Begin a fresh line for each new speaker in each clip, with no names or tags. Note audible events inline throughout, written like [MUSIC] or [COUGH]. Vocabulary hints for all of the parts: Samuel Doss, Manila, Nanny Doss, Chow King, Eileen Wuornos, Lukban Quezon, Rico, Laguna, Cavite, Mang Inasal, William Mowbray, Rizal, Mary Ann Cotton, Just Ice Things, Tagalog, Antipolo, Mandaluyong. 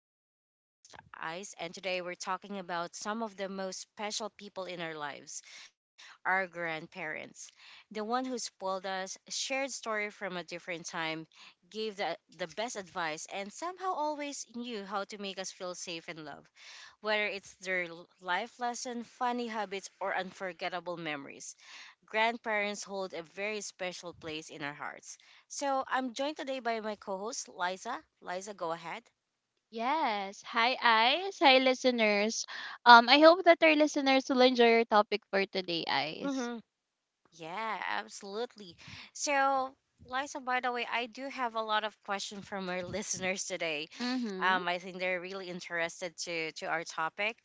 Things. I'm your host, Ice, and today we're talking about some of the most special people in our lives, our grandparents. The one who spoiled us, shared story from a different time, gave the best advice, and somehow always knew how to make us feel safe and loved, whether it's their life lesson, funny habits, or unforgettable memories. Grandparents hold a very special place in our hearts. So I'm joined today by my co host, Liza. Liza, go ahead.
Yes. Hi, Ice. Hi, listeners. I hope that our listeners will enjoy your topic for today, Ice.
Mm-hmm. Yeah, absolutely. So, Liza, by the way, I do have a lot of questions from our [LAUGHS] listeners today.
Mm-hmm.
I think they're really interested to our topic.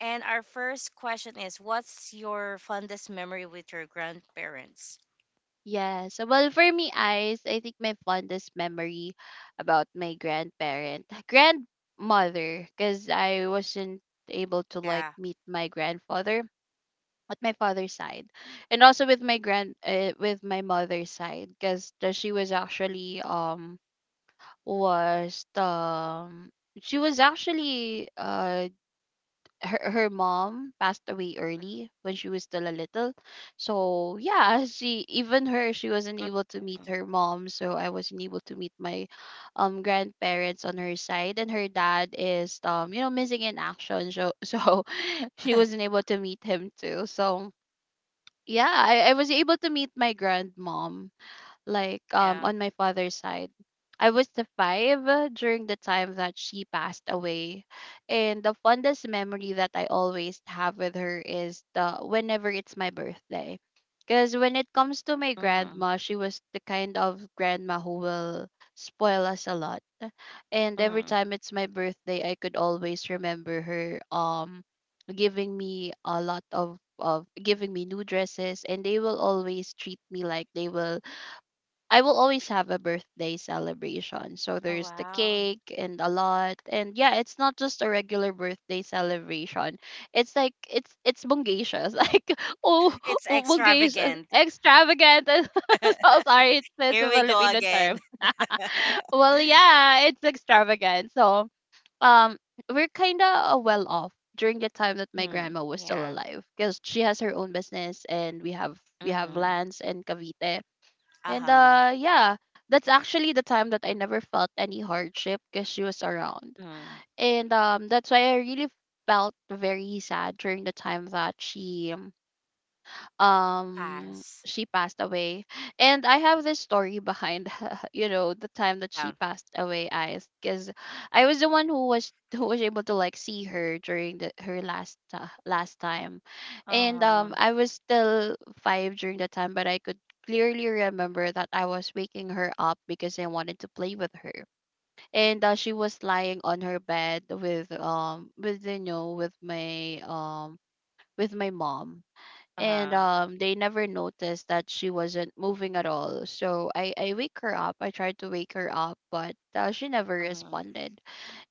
And our first question is, what's your fondest memory with your grandparents?
Yes. Well, for me, Ice, I think my fondest memory about my grandmother, because I wasn't able to like
Yeah.
meet my grandfather at my father's side, and also with my with my mother's side, because she was was um actually, her mom passed away early when she was still a little. So yeah, she even her she wasn't able to meet her mom, so I wasn't able to meet my grandparents on her side, and her dad is you know, missing in action, so [LAUGHS] so she wasn't
[LAUGHS]
able to meet him too. So yeah, I was able to meet my grandmom, like
Yeah.
on my father's side. I was the five during the time that she passed away. And the fondest memory that I always have with her is the whenever it's my birthday. Because when it comes to my
Mm-hmm.
grandma, she was the kind of grandma who will spoil us a lot. And every
Mm-hmm.
time it's my birthday, I could always remember her giving me a lot of giving me new dresses, and they will always treat me like they will I will always have a birthday celebration. So
Oh
there's the
wow.
cake and a lot. And yeah, it's not just a regular birthday celebration. It's like it's bungacious. [LAUGHS] Like oh,
It's
oh bungacious,
extravagant.
extravagant. [LAUGHS]
[LAUGHS]
So sorry, it's
Here
a
we go
Filipino
again.
term. [LAUGHS] Well, yeah, it's extravagant. So um we're kind of well off during the time that my
Mm,
grandma was still
yeah.
alive, because she has her own business, and we have
Mm-hmm.
lands in Cavite, and
Uh-huh.
yeah, that's actually the time that I never felt any hardship because she was around.
Mm.
And that's why I really felt very sad during the time that
Pass.
she passed away. And I have this story behind. [LAUGHS] You know, the time that she
Yeah.
passed away, i, because I was the one who was able to like see her during the her last time. And
Uh-huh.
I was still five during the time, but I could clearly remember that I was waking her up because I wanted to play with her. And she was lying on her bed with you know, with my mom. And
Uh-huh.
they never noticed that she wasn't moving at all, so i wake her up, I tried to wake her up, but she never
Mm-hmm.
responded.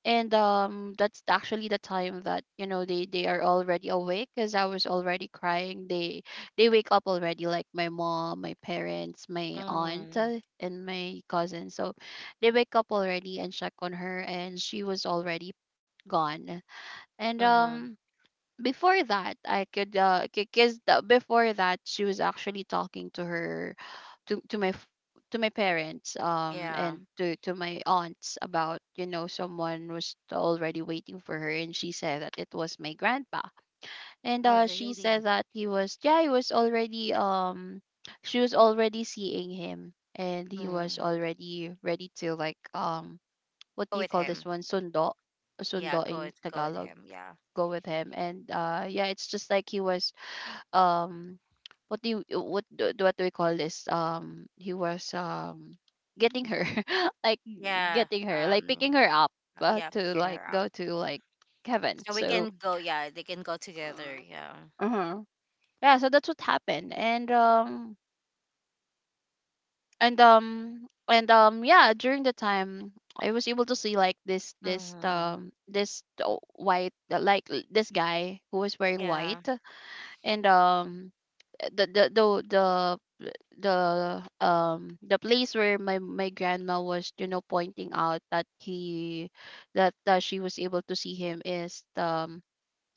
And that's actually the time that you know, they are already awake because I was already crying. They wake up already, like my mom, my parents, my aunt
Mm.
uh, and my cousin. So they wake up already and check on her, and she was already gone. And
Mm-hmm.
before that, I could because before that, she was actually talking to her to to my parents,
Yeah.
and to my aunts, about you know, someone was already waiting for her, and she said that it was my grandpa. And
Oh
she
really?
said that he was yeah, he was already she was already seeing him, and he was
Mm.
already ready to like what
Go
do you
with
call this
him.
one, sundo,
Yeah,
sundo
go
in
with
tagalog.
him. Yeah.
Go with him. And yeah, it's just like he was um what do you what do we call this, he was getting her [LAUGHS] like
Yeah.
getting her, like
Um
picking her up,
yeah,
to
picking
like
her up.
go to like Kevin.
So we
So
can go, yeah, they can go together,
uh,
yeah.
uh-huh. Yeah, so that's what happened. And yeah, during the time I was able to see like this
Mm-hmm.
this white this guy who was wearing
Yeah.
white. And the the the the the place where my grandma was you know, pointing out that he that that she was able to see him, is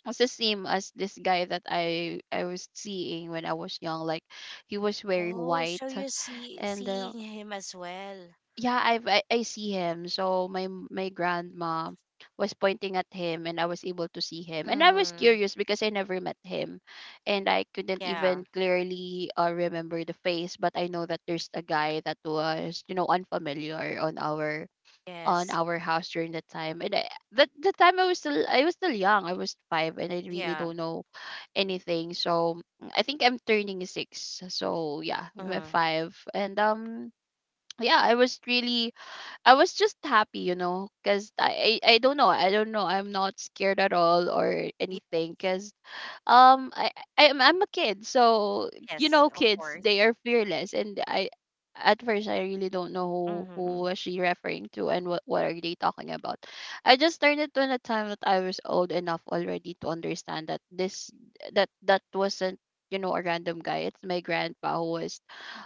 was the same as this guy that I was seeing when I was young. Like he was
Oh,
wearing
so you're
white.
seeing
And
him as well.
yeah, I've I see him. So my my grandma was pointing at him, and I was able to see him. And I
Mm-hmm.
was curious because I never met him, and I couldn't
Yeah.
even clearly remember the face, but I know that there's a guy that was, you know, unfamiliar on
Yes.
our house during that time. And that the time I was still young. I was 5 and I really
Yeah.
don't know anything. So mm, I think I'm turning 6. So yeah, I'm
Mm-hmm.
5 and yeah, I was really I was just happy, you know, because I don't know, I'm not scared at all or anything, because um I I'm a kid. So you
Yes,
know,
of
kids,
course.
they are fearless, and I at first, I really don't know who
Mm-hmm.
was she referring to, and what are they talking about. I just learned it when the time that I was old enough already to understand that this that that wasn't you know, a random guy. It's my grandpa who was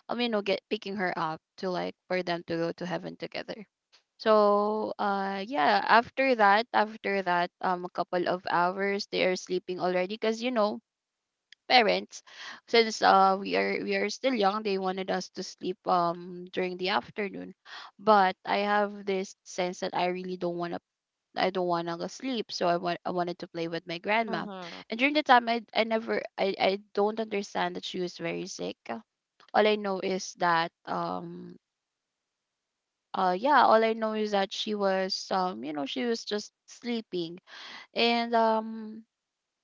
you know, get picking her up to like for them to go to heaven together. So yeah, after that a couple of hours, they are sleeping already, because you know, parents, since we are still young, they wanted us to sleep during the afternoon. But I have this sense that I really don't want to, I don't want to go sleep, so I wanted to play with my grandma.
Mm-hmm.
And during the time I never I I don't understand that she was very sick. All I know is that yeah, all I know is that she was you know, she was just sleeping. And um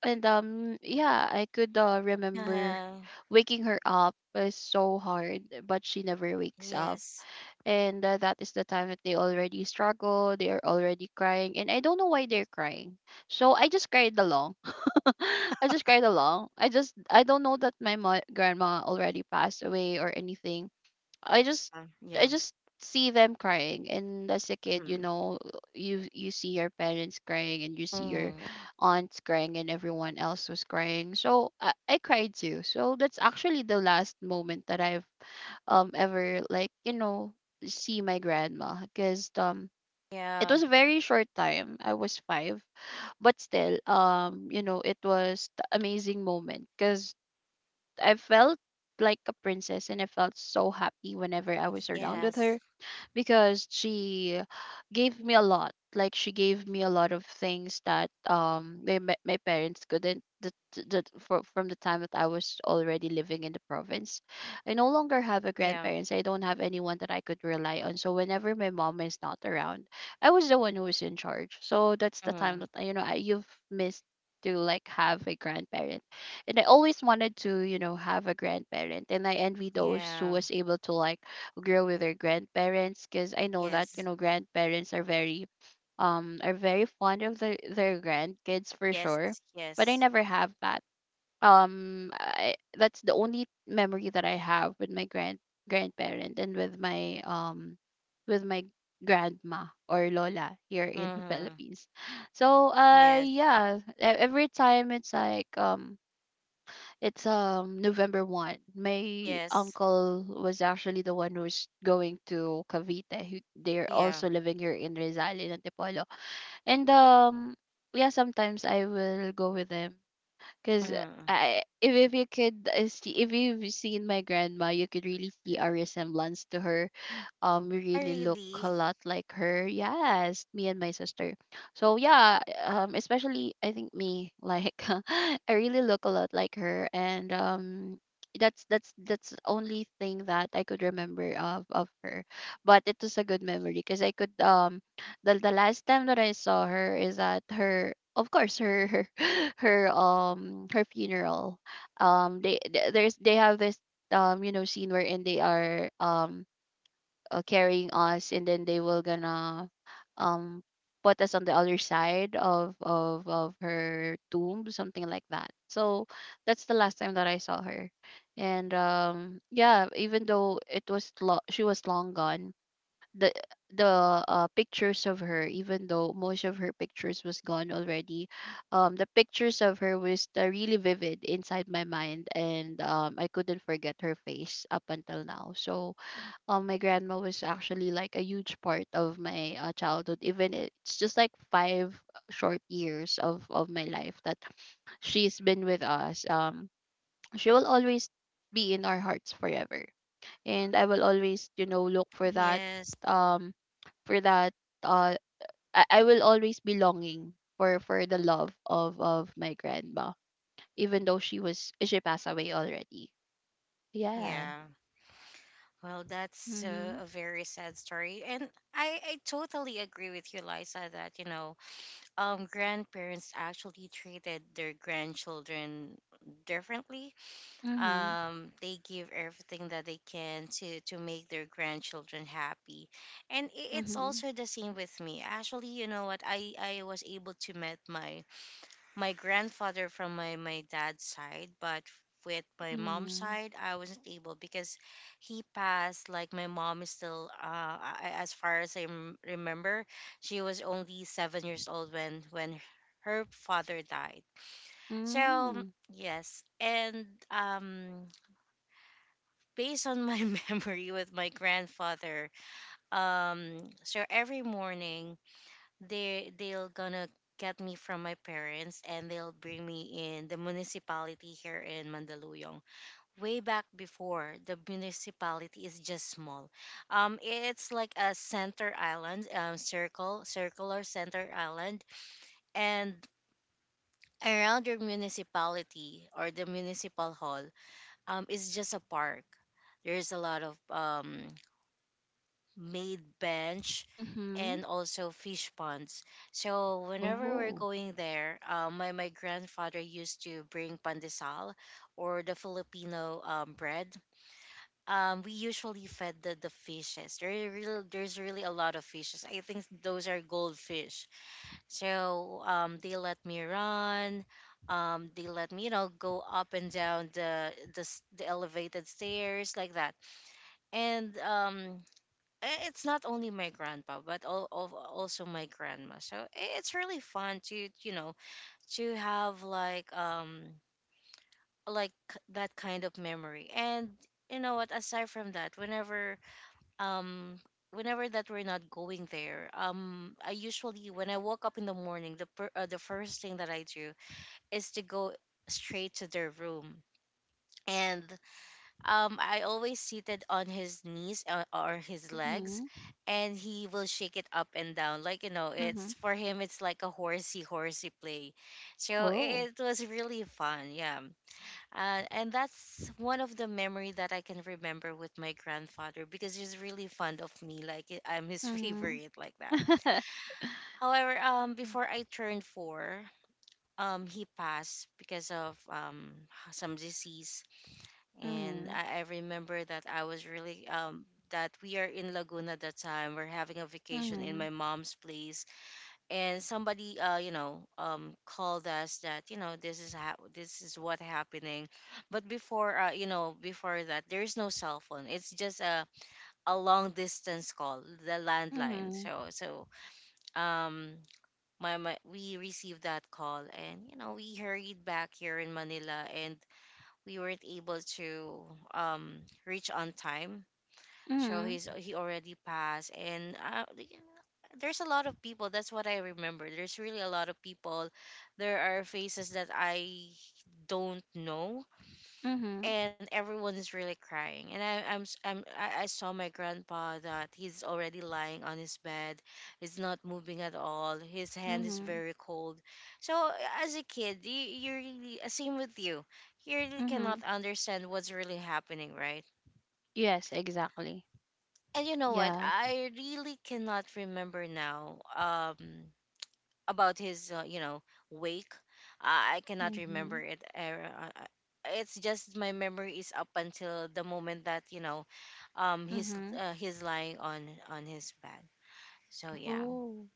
and um yeah, I could remember
Uh,
waking her up was so hard, but she never wakes up.
yes.
And that is the time that they already struggle. They are already crying, and I don't know why they're crying. So I just cried along. [LAUGHS] I just cried along. I just I don't know that my grandma already passed away or anything. I just I
Yeah.
just see them crying, and as a kid, you
Mm.
know, you see your parents crying, and you see your
mm
aunts crying, and everyone else was crying. So I cried too. So that's actually the last moment that I've ever like, you know, see my grandma. Because it
Yeah.
was a very short time. I was 5, but still you know, it was the amazing moment, cuz I felt like a princess, and I felt so happy whenever I was around with
Yes.
her, because she gave me a lot. Like she gave me a lot of things that my my parents couldn't. From the time that I was already living in the province, I no longer have a
Yeah.
grandparents. I don't have anyone that I could rely on. So whenever my mom is not around, I was the one who was in charge. So that's the time
Mm-hmm.
that you know, you've missed to like have a grandparent. And I always wanted to, you know, have a grandparent, and I envy those who
Yeah.
was able to like grow with their grandparents, because I know that
Yes.
you know, grandparents are very fond of their grandkids for
Yes.
sure. But I
Yes.
never have that that's the only memory that I have with my grandparent, and with my with my grandma, or lola here in the
Mm-hmm.
Philippines. So
Yes.
yeah, every time it's like it's November 1. My
Yes.
uncle was actually the one who's going to Cavite. They're
Yeah.
also living here in Rizal in Antipolo. And yeah, sometimes I will go with them, cuz
Mm-hmm.
I if you could see, if you've seen my grandma, you could really see a resemblance to her. We
I
really look
really.
a lot like her. Yes, me and my sister. So yeah, especially I think me, like [LAUGHS] I really look a lot like her. And that's the only thing that I could remember of her. But it was a good memory because I could the last time that I saw her is at her, of course, her, [LAUGHS] her funeral. They th- there's They have this scene wherein they are carrying us, and then they will gonna um put us on the other side of her tomb, something like that. So that's the last time that I saw her. And yeah, even though it was she was long gone, the the pictures of her, even though most of her pictures was gone already, the pictures of her was really vivid inside my mind, and I couldn't forget her face up until now. So my grandma was actually like a huge part of my childhood, even it's just like 5 short years of my life that she's been with us. She will always be in our hearts forever. And I will always look for that.
Yes.
um for that uh I will always be longing for the love of my grandma, even though she passed away already. Yeah.
Yeah. Well, that's
Mhm.
a very sad story. And I totally agree with you, Liza, that, you know, grandparents actually treated their grandchildren differently.
Mhm.
They give everything that they can to make their grandchildren happy. And it's
Mhm.
also the same with me. Actually, you know what? I was able to meet my grandfather from my dad's side, but with my mom's
Mhm.
side, I wasn't able because he passed. Like my mom is still, as far as I remember, she was only 7 years old when her father died. So
Hmm.
yes, and based on my [LAUGHS] memory with my grandfather, so every morning they'll gonna get me from my parents and they'll bring me in the municipality here in Mandaluyong. Way back before, the municipality is just small. Um, it's like a center island, um, circular center island, and around your municipality or the municipal hall is just a park. There's a lot of made bench
Mhm.
and also fish ponds. So whenever we're
Oh.
going there, my grandfather used to bring pandesal or the Filipino bread. We usually fed the fishes. There are real, there's really a lot of fishes. I think those are goldfish. So they let me run. They let me, you know, go up and down the elevated stairs like that. And eh, it's not only my grandpa but all, of also my grandma, so it's really fun to, you know, to have like that kind of memory. And you know what, aside from that, whenever um whenever that we're not going there, I usually when I woke up in the morning, the first thing that I do is to go straight to their room. And um, I always seated on his knees, or his legs,
Mhm,
and he will shake it up and down like, you know,
mhm.
it's for him it's like a horsey horsey play. So
Oh.
it was really fun, yeah. And that's one of the memory that I can remember with my grandfather, because he's really fond of me, like I'm his [LAUGHS]
Mhm.
favorite, like that. However, um, before I turned 4, he passed because of some disease. And
Mhm,
I remember that I was really that we are in Laguna that time. We're having a vacation in
mhm,
my mom's place, and somebody you know called us that, you know, this is what happening. But before, uh, you know, before that, there is no cell phone. It's just a long distance call, the landline.
mhm,
So so um. We received that call, and you know, we hurried back here in Manila, and we weren't able to reach on time. So
mhm,
he's, he already passed. And like, there's a lot of people, that's what I remember, there's really a lot of people. There are faces that I don't know,
mhm,
and everyone is really crying. And I, I'm s- I'm I saw my grandpa that he's already lying on his bed, he's not moving at all, his hand is
mhm,
very cold. So as a kid, you really same with you, you really
mhm.
cannot understand what's really happening, right?
[LAUGHS] Yes, exactly.
And you know what,
Yeah.
I really cannot remember now about his you know, wake, uh, I cannot remember
Mhm,
it it's just my memory is up until the moment that, you know,
mhm.
he's lying on his bed, so yeah.
Oh.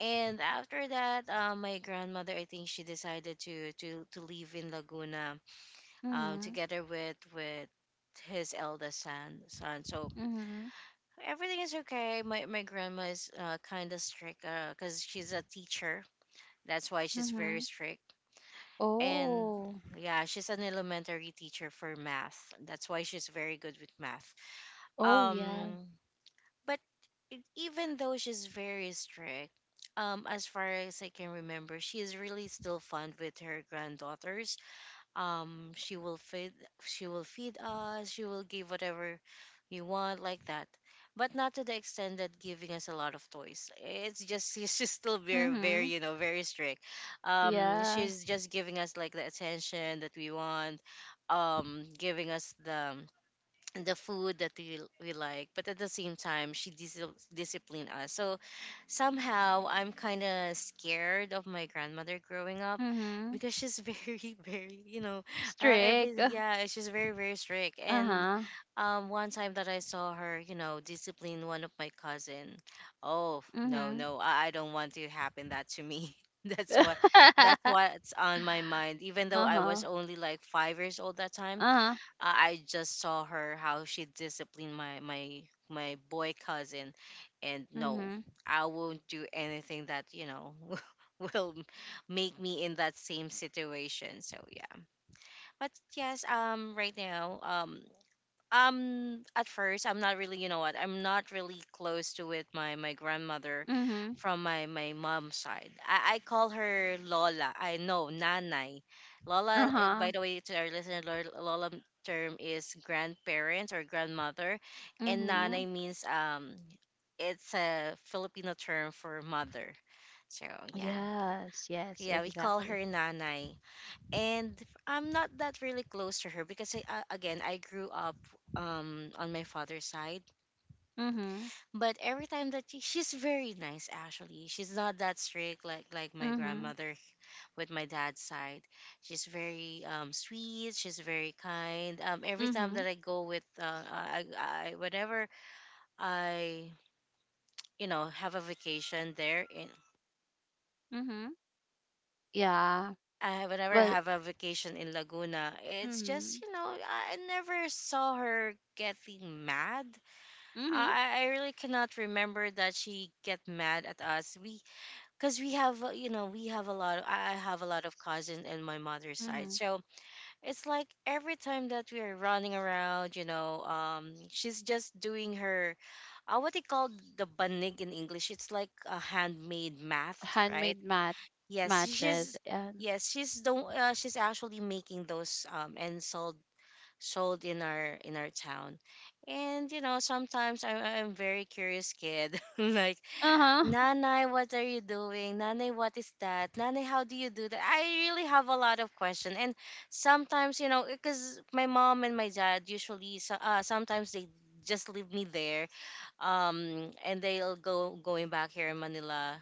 And after that, my grandmother, I think she decided to live in Laguna, um,
Mhm,
together with his eldest son. So
mhm,
everything is okay, my grandma is kind of strict, because she's a teacher, that's why she's very
mhm.
strict. And
Oh.
yeah, she's an elementary teacher for math, that's why she's very good with math.
Oh, yeah.
Um, but even though she's very strict, as far as I can remember, she is really still fond with her granddaughters. Um, she will feed, she will feed us, she will give whatever we want, like that. But not to the extent that giving us a lot of toys. It's just [LAUGHS] she's just still very, very,
Mhm.
you know, very strict.
Yeah.
She's just giving us like the attention that we want. Giving us the food that we like, but at the same time she disciplined us. So somehow I'm kind of scared of my grandmother growing up,
Mhm.
because she's [LAUGHS] very very, you know,
Strict.
every yeah, she's very very strict. And
Uh-huh.
um, one time that I saw her, you know, discipline one of my cousin, oh no
Mhm.
no I don't want to happen that to me. [LAUGHS] That's what that's
[LAUGHS]
what's on my mind, even though I was
Uh-huh.
only like 5 years old that time.
Uh-huh.
I just saw her how she disciplined my boy cousin, and no,
Mhm.
I won't do anything that, you know, [LAUGHS] will make me in that same situation. So yeah, but yes, right now, um, at first I'm not really, you know what, I'm not really close to it my my grandmother
Mhm.
from my mom's side. I call her lola, I know nanai. Lola,
Uh-huh.
by the way, to our listener, lola term is grandparents or grandmother, and
Mhm.
nanai means it's a Filipino term for mother. So yeah,
Yes, yes,
yeah, we call her
exactly.
nanai. And I'm not that really close to her, because again I grew up on my father's side.
Mhm.
But every time that she's very nice actually. She's not that strict like my
Mhm.
grandmother with my dad's side. She's very sweet. She's very kind. Every time
Mhm.
that I go with I whenever I you know have a vacation there in.
Mhm. Yeah.
I whenever I
Well,
have a vacation in Laguna, it's just
mhm.
you know I never saw her getting mad.
Mhm.
I really cannot remember that she get mad at us. We, because we have you know, we have a lot. Of, I have a lot of cousins in my mother's side,
Mhm.
so it's like every time that we are running around, you know, she's just doing her, what they call the banig in English. It's like a handmade math, right?
Handmade mat,
Yes,
matches,
she's
and
yes she's the she's actually making those and sold in our town. And you know, sometimes I'm very curious kid. [LAUGHS] Like,
uh-huh. [LAUGHS]
Nanai, what are you doing? Nanai, what is that? Nanai, how do you do that? I really have a lot of questions. And sometimes, you know, because my mom and my dad usually, sometimes they just leave me there and they'll go going back here in Manila,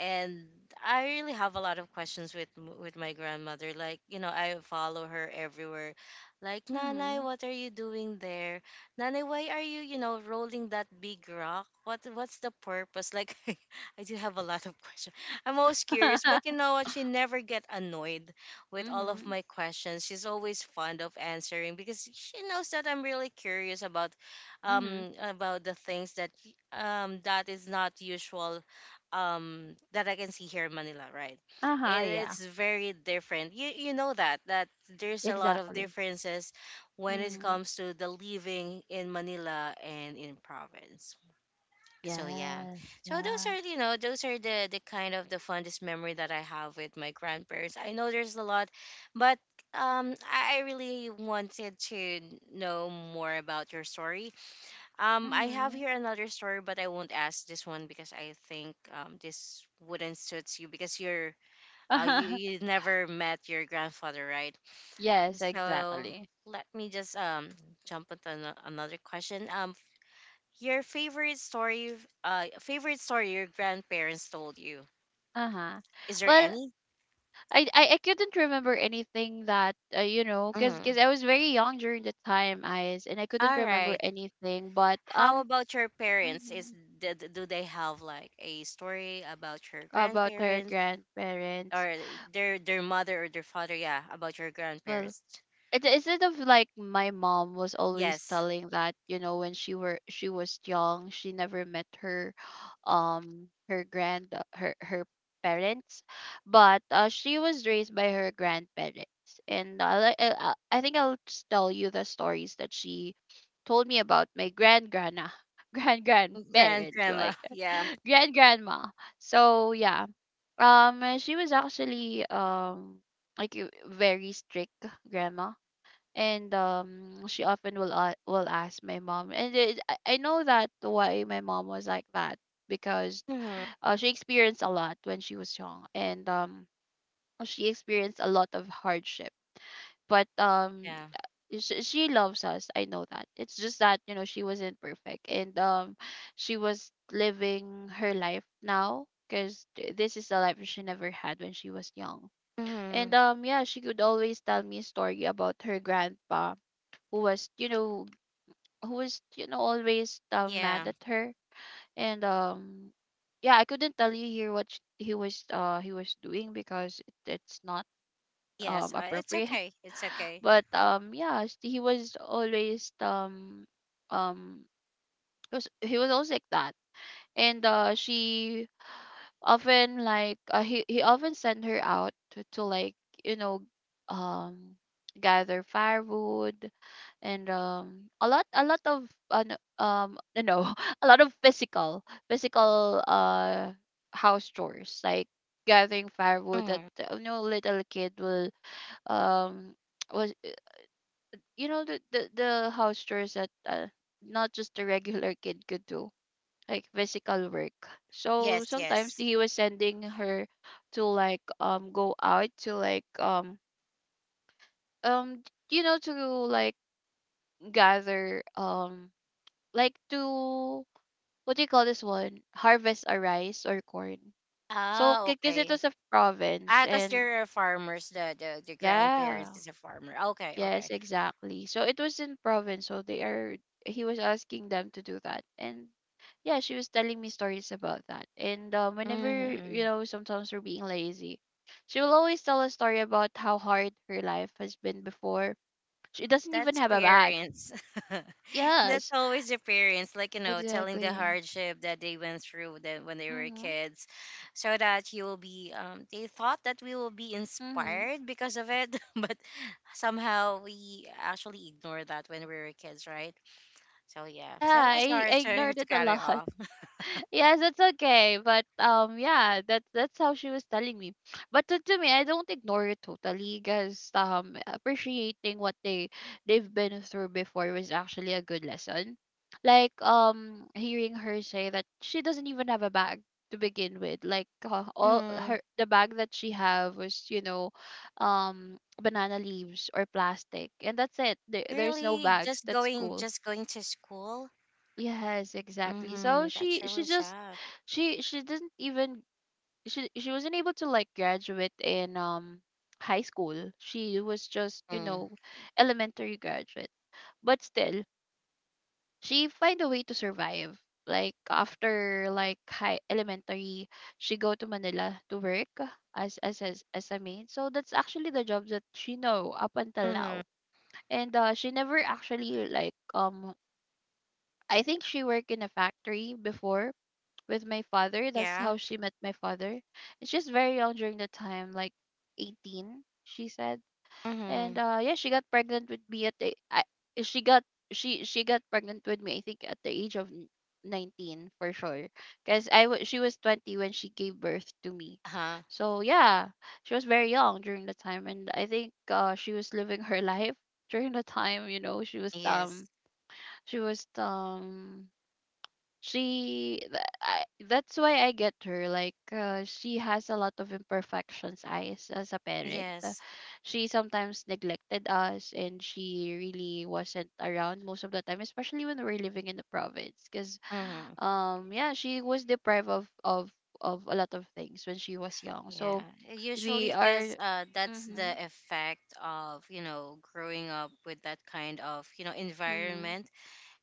and I really have a lot of questions with with my grandmother. Like, you know, I follow her everywhere. Like Nanay,
Mhm.
what are you doing there? Nanay, why are you you know rolling that big rock? What's the purpose? Like [LAUGHS] I do have a lot of questions. I'm always curious, but you know what? She never get annoyed with all of
Mhm.
my questions. She's always fond of answering because she knows that I'm really curious
Mhm. [LAUGHS]
about the things that that is not usual that I can see here in Manila, right?
Uh-huh, yeah.
It's very different. You know that there's a lot of
Exactly.
differences when it
Mhm.
comes to the living in Manila and in province. So yeah.
Yes,
So those
yeah.
are you know those are the kind of the fondest memory that I have with my grandparents. I know there's a lot, but I really wanted to know more about your story. I have
Mhm.
here another story, but I won't ask this one because I think this wouldn't suit you because you
[LAUGHS]
never met your grandfather, right?
Yes,
So
exactly.
let me just jump into another question. Your favorite story, your grandparents told you.
Uh-huh.
Is there
Well,
any?
I couldn't remember anything that you know, cause
Mm.
I was very young during the time, eyes, and I couldn't
All
remember
right.
anything. But
How about your parents? Is
mhm.
d- d- do they have like a story about your
About her
grandparents?
grandparents.
Or their mother or their father, yeah, about your
Well,
grandparents.
it is it of like my mom was always
Yes.
telling that, you know, when she was young, she never met her [GASPS] her grand her her parents, but she was raised by her grandparents. And like, I think I'll just tell you the stories that she told me about my grand grandma, [LAUGHS] grand
Grand
grandparents,
grandma.
like,
[LAUGHS] Yeah.
[LAUGHS] grand grandma. So yeah. She was actually like a very strict grandma. And she often will ask my mom. And it, I know that why my mom was like that, because
Hmm.
she experienced a lot when she was young, and she experienced a lot of hardship. But
Yeah.
she loves us, I know that. It's just that, she wasn't perfect, and she was living her life now, because this is the life she never had when she was young.
Hmm.
And yeah, she could always tell me a story about her grandpa, who was you know who was always
Yeah.
mad at her. And yeah, I couldn't tell you here what he was doing, because it's not
Yes. It's
appropriate.
okay, it's
[LAUGHS]
okay.
But yeah, he was always um he was always like that. And she often like he often sent her out to, like, you know um gather firewood, and a lot of no, [LAUGHS] a lot of physical house chores, like gathering firewood that,
Hmm.
you know, little kid will um [TSK] was, you know, the the, house chores that, not just a regular kid could do, like physical work. So
Yes,
sometimes
yes.
he was sending her to, like, go out to, like, um to, like, gather, like, to, what do you call this one, harvest a rice or corn. So
Ah,
because it
okay.
was a province,
Ah, because
and
there are farmers, the
yeah.
grandparents is a farmer. Okay,
Yes,
okay.
exactly. So it was in province, so they are he was asking them to do that. And yeah, she was telling me stories about that. And whenever, you
Mm-hmm.
know, sometimes we're being lazy, she will always tell a story about how hard her life has been before. She doesn't even
That's
have a bag.
parents. [LAUGHS] That's
Yes,
always the parents, like, telling the
exactly.
hardship that they went through, that when they were
Mm-hmm.
kids, so that you will be. They thought that we will be
Mm-hmm.
inspired because of it, [LAUGHS] but somehow we actually ignore that when we were kids, right? So yeah.
Yeah,
So
I,
sorry
I
to
ignored
to
it a
cut it
lot.
off.
Yes, it's okay. But yeah, that's how she was telling me. But to me, I don't ignore it totally, because appreciating what they've been through before was actually a good lesson. Like, hearing her say that she doesn't even have a bag to begin with. Like, all
Hmm.
her, the bag that she have was, you know, um, banana leaves or plastic, and that's it. There's no
Really,
bags.
just
That's
going,
cool.
just going to school.
Yes, exactly. So
Mm-hmm. That's
she
really
just
sad.
she didn't even she wasn't able to, like, graduate in high school. She was just, you
Mm.
know, elementary graduate. But still, she find a way to survive. Like after, like, high elementary, she go to Manila to work as a maid. So that's actually the job that she know up until
Mm-hmm.
now. And she never actually, I think she worked in a factory before with my father. That's
Yeah.
how she met my father. And she's very young during the time, like 18, she said.
Mm-hmm.
And yeah, she got she got pregnant with me, I think, at the age of 19 for sure. Cuz I wa she was 20 when she gave birth to me.
Uh huh.
So yeah, she was very young during the time, and I think she was living her [LAUGHS] life during the time. You know,
Yes.
she was um that's why I get her, like, she has a lot of imperfections as a parent.
Yes.
She sometimes neglected us, and she really wasn't around most of the time, especially when we were living in the province, because
Hmm.
yeah, she was deprived of a lot of things when she was young.
Yeah.
So
Usually,
we are.
because that's the
Mhm.
effect of growing up with that kind of
Mhm.
environment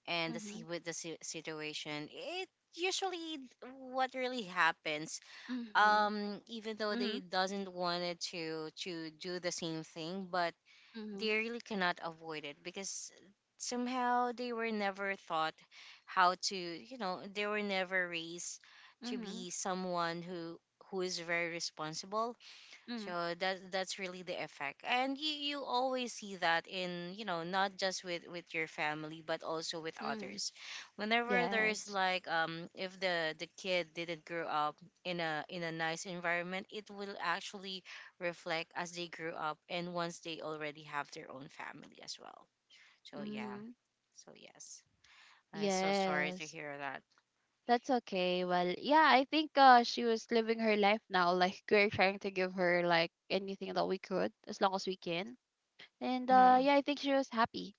and the see
Mhm.
with the situation. It usually what really happens.
Mhm.
Even though they
Mhm.
doesn't want it to do the same thing, but they
Mhm.
really cannot avoid it, because somehow they were never taught how to you know they were never raised to
Mhm.
be someone who is very responsible,
Mhm.
so that's really the effect, and you always see that in, not just with your family, but also with
Mhm.
others. Whenever there's
Yes.
like, if the kid didn't grow up in a nice environment, it will actually reflect as they grew up, and once they already have their own family as well. So yeah,
Mhm.
so yes, I'm so sorry to
Yes,
hear that.
that's okay. Well, yeah, I think she was living her life now. [LAUGHS] Like, we're trying to give her, like, anything that we could, as long as we can. And
Hmm.
yeah, I think she was happy.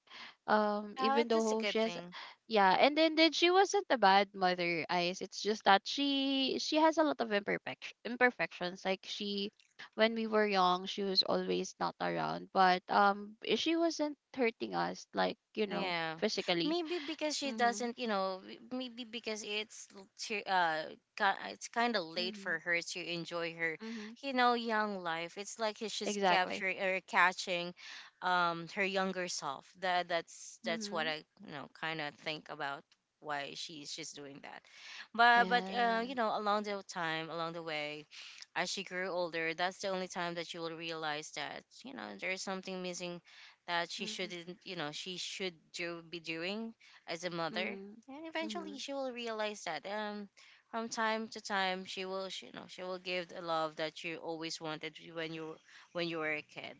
Oh,
Even
it is a
though
good
she has,
thing.
yeah, and then she wasn't a bad mother, Ice. It's just that she has a lot of imperfections. Like when we were young, she was always not around, but she wasn't hurting us, like, you know,
Yeah,
physically.
maybe because she
Mm-hmm.
doesn't, maybe because it's she, it's kind of late
Mm-hmm.
for her to enjoy her,
Mm-hmm.
young life. It's like she's
Exactly.
capturing or catching, her younger self. That's what
Mhm.
I, kind of think about why she's doing that. But but uh, you
And
know, along the time, along the way, as she grew older, that's the only time that you will realize that, there's something missing, that she
mhm.
shouldn't, she should do be doing as a mother.
Mhm.
And eventually,
Mhm.
she will realize that, from time to time, she will give the love that you always wanted when you were a kid.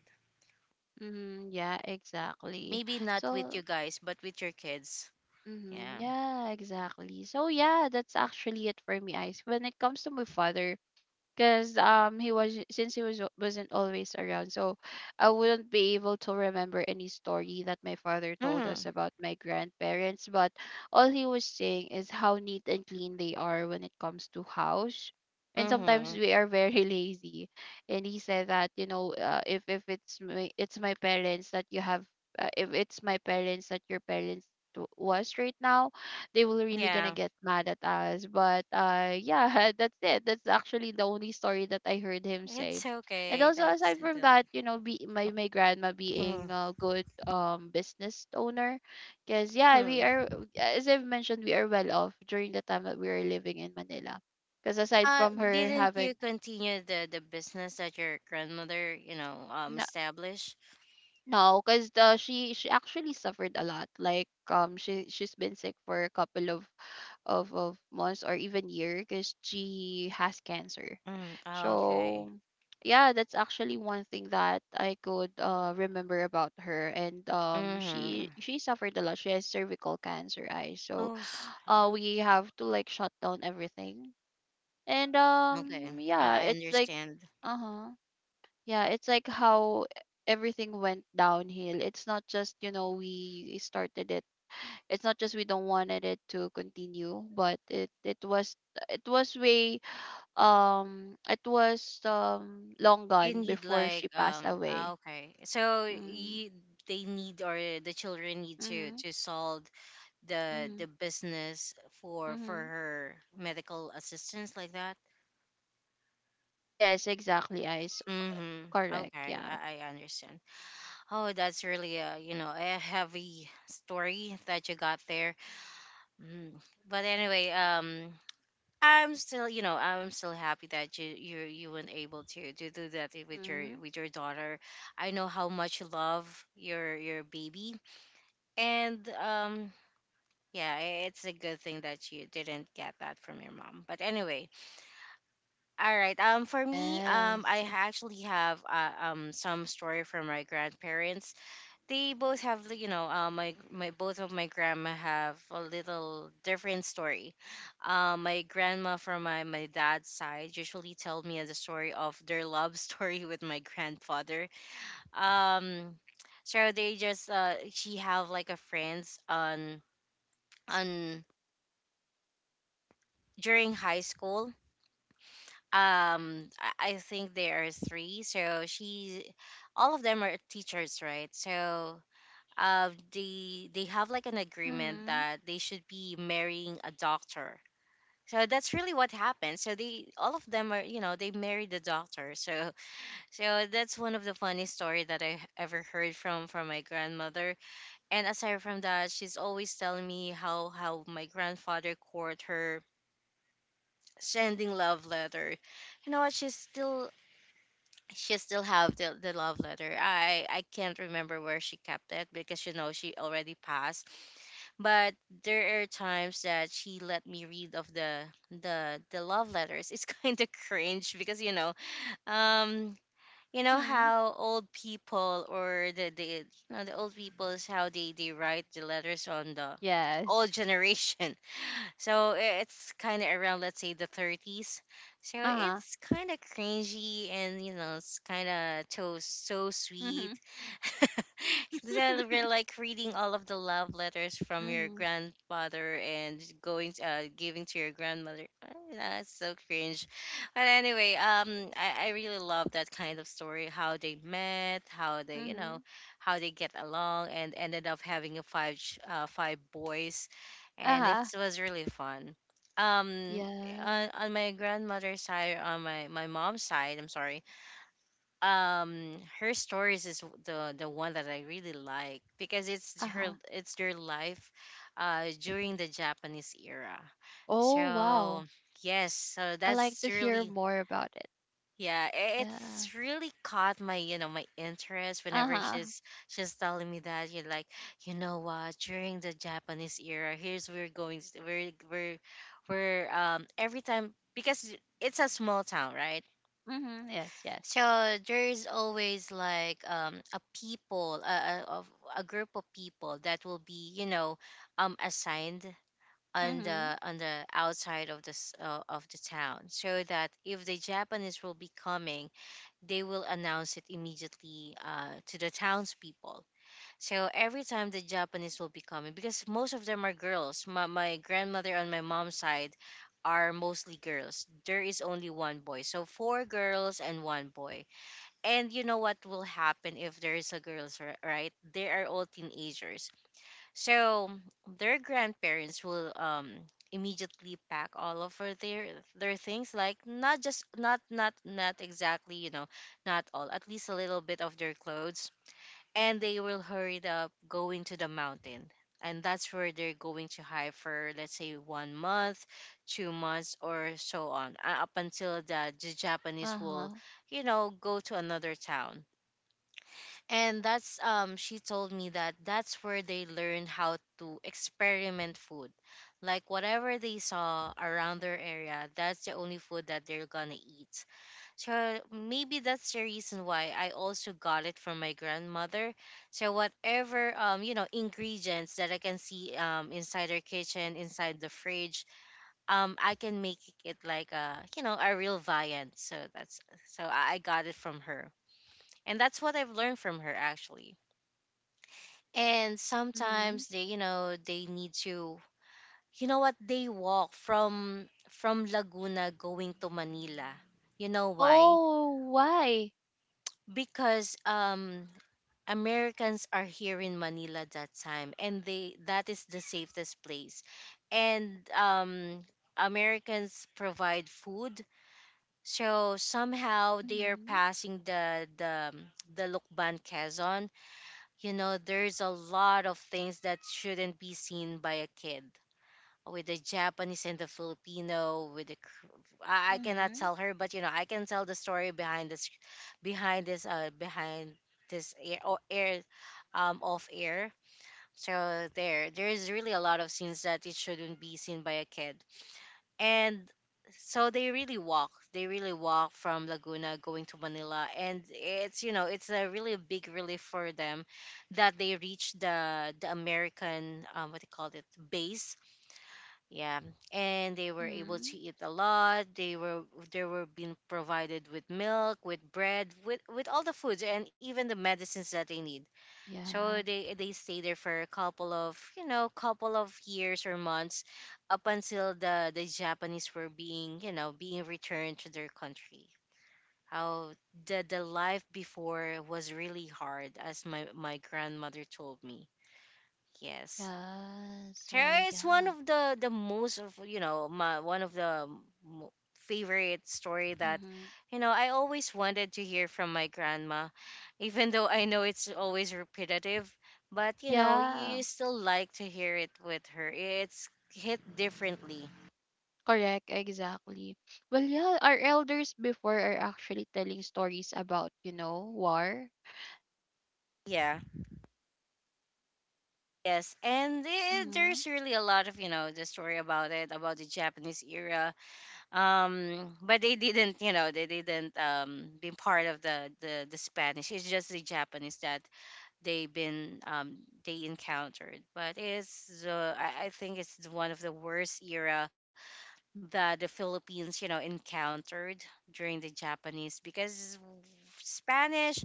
Mhm. Yeah, exactly.
Maybe not with you
So,
guys, but with your kids.
mhm.
Yeah.
Yeah, exactly. So, yeah, that's actually it for me, Ice. When it comes to my father, because he was since he wasn't always around, so I wouldn't be able to remember any story that my father told us
Mhm.
about my grandparents. But all he was saying is how neat and clean they are when it comes to house, and sometimes
Mhm.
we are very [LAUGHS] lazy. And he said that, you know, if it's my, it's my parents that you have, if it's my parents that your parents was right now, they were really gonna
Yeah.
get mad at us. But yeah, [LAUGHS] that's it. That's actually the only story that I heard him say.
It's
And
okay.
also
That's.
aside from that, you know, be my grandma being a good business owner, because yeah, we
Mm-hmm.
are, as I've mentioned, we are well off during the time that we were living in Manila. Because aside
Uh,
from her
didn't you
having.
continue the business that your grandmother,
No,
established?
no, because she actually suffered a lot. Like, she's been sick for a couple of months or even year, because she has cancer.
Mm, oh, okay.
So yeah, that's actually one thing that I could remember about her. And
Mm-hmm.
she suffered a lot. She has cervical cancer, I so,
Oh,
we have to, like, shut down everything. And
okay,
yeah,
I
it's like
understand.
uh huh. Yeah, it's like how everything went downhill. It's not just, you know, we started it, it's not just we don't wanted it to continue, but it was, way, it was long
You
gone
need,
before
like,
she passed away.
okay. So
Mm.
you, they need, or the children need to
Mm-hmm.
to solve the
Mm-hmm.
the business for
Mm-hmm.
her medical assistance, like that.
Yes, exactly, Ice.
Mm-hmm.
Correct.
Okay,
Yeah.
I understand. Oh, that's really a heavy story that you got there. Mm. But anyway. I'm still happy that you weren't able to do that with your
Mm-hmm.
with your daughter. I know how much you love your baby, and, yeah, it's a good thing that you didn't get that from your mom. But anyway, all right. For me,
Yes.
I actually have some story from my grandparents. They both have, like, my both of my grandma have a little different story. My grandma from my dad's side usually tell me the story of their love [LAUGHS] story with my grandfather. um so they just she have like a friends on on during high school. I think there are three, so she, all of them are teachers, right? So they have like an agreement
Mm-hmm.
that they should be marrying a doctor. So that's really what happened. So they all of them are you know they married the doctor. So that's one of the funny story that I ever heard from my grandmother. And aside from that, she's always telling me how my grandfather court her, sending love letter. You know what? She still have the love letter. I can't remember where she kept it, because, she already passed, but there are times that she let me read of the love letters. It's [LAUGHS] kind of cringe, because, um
Mm-hmm.
how old people, or the you know, the old people is how they write the letters on the
Yes.
old generation, so it's kind of around, let's say, the 30s. So
Uh-huh.
it's kind of cringy and, it's kind of so, so
Mm-hmm.
sweet. [LAUGHS] Then we're
[LAUGHS]
like reading all of the love letters from your
Mm-hmm.
grandfather and going, giving to your grandmother. [LAUGHS] That's so cringe. But anyway, I really love that kind of story, how they met, how they, you
Mm-hmm.
know, how they get along, and ended up having five boys, and it
Uh-huh.
was really fun. Um,
Yeah.
on my grandmother's side, on my mom's side, I'm sorry. Her stories is the one that I really like, because it's her
Uh-huh.
it's their life, during the Japanese era.
Oh, wow.
So yes, so
I like to
that's
hear
really,
more about it.
yeah,
Yeah.
it's really caught my interest whenever
Uh-huh.
she's telling me that, you're like, you know what, during the Japanese era, here's where we're going, s- we're every time, because it's a small town, right?
Mhm. Yes, yes.
So there's always, like, a people, a, of- a group of people that will be, assigned on
Mhm.
the outside of this, of the town, so that if the Japanese will be coming, they will announce it immediately, to the townspeople. So every time the Japanese will be coming, because most of them are girls. My grandmother on my mom's side are mostly girls. There is only one boy. So four girls and one boy. And you know what will happen if there is a girls, right? They are all teenagers. So their grandparents will, immediately pack all of her their things, like not just, not, not, not exactly, not all, at least a little bit of their clothes. And they will hurry up going to the mountain, and that's where they're going to hide for, let's say, one month, 2 months, or so on, up until the Japanese will,
Uh-huh.
go to another town. And that's, she told me that's where they learn how to experiment food, like whatever they saw around their area, that's the only food that they're gonna eat. So maybe that's the reason why I also got it from my grandmother. So whatever, ingredients that I can see, inside her kitchen, inside the fridge, I can make it like a you know a real viand. So that's, so I got it from her, and that's what I've learned from her, actually. And
Mhm.
sometimes they need to, you know what, they walk from Laguna going to Manila. You know why?
Oh, why?
Because, Americans are here in Manila that time, and they that is the safest place. And, Americans provide food, so somehow they are
Mhm.
passing the the Lukban Quezon. There's a lot of things that shouldn't be seen by a kid, with the Japanese and the Filipino, with the K-. I cannot
Mhm.
tell her, but, I can tell the story behind behind this uh behind this air, or air off air. So there is really a lot of scenes that it shouldn't be seen by a kid. And so they really walk from Laguna going to Manila, and it's you know it's a really big relief for them that they reach the American, what do you call it, base. Yeah, and they were able
Mhm.
to eat a lot. They were being provided with milk, with bread, with all the foods and even the medicines that they need. So
Yeah.
they stay there for a couple of couple of years or months, up until the Japanese were being being returned to their country. How The life before was really hard, as my grandmother told me. Yes.
Yes.
Sure,
Well,
it's one
yeah.
of the most of my one of the mo- favorite story that
Mhm.
I always wanted to hear from my grandma, even though I know it's always repetitive. But,
Yeah.
you still like to hear it with her. It's hit differently.
Correct, exactly. Well, yeah, our elders before are actually telling stories about, you know, war.
Yeah. Yes, and
Mhm.
there's really a lot of the story about it, about the Japanese era. But they didn't, they didn't been part of the Spanish. It's just the Japanese that they been they encountered. But it's the I think it's the one of the worst era that the Philippines encountered during the Japanese, because Spanish,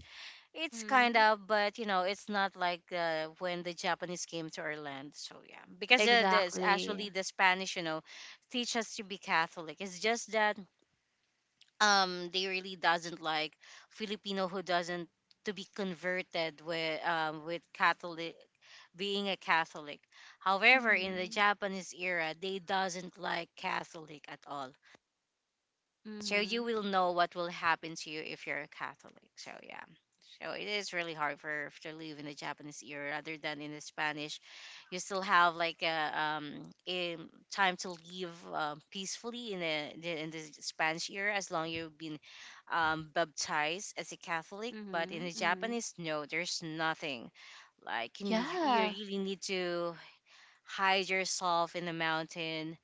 it's kind
Mhm.
of, but you know it's not like when the Japanese came to our land. So yeah, because there's
Exactly.
actually the Spanish, you know, teach us to be Catholic. It's just that they really doesn't like Filipino who doesn't to be converted with Catholic, being a Catholic. However, in the
Mhm.
Japanese era, they doesn't like Catholic at all. So you
Mhm.
will know what will happen to you if you're a Catholic. So yeah, so it is really hard for to live in the Japanese era rather than in the Spanish. You still have like um, a time to leave peacefully in the in the Spanish era, as long you've been baptized as a Catholic. But in
Mhm.
the
Mhm.
Japanese, no, there's nothing. Like you
Yeah.
really need to hide yourself in the mountain.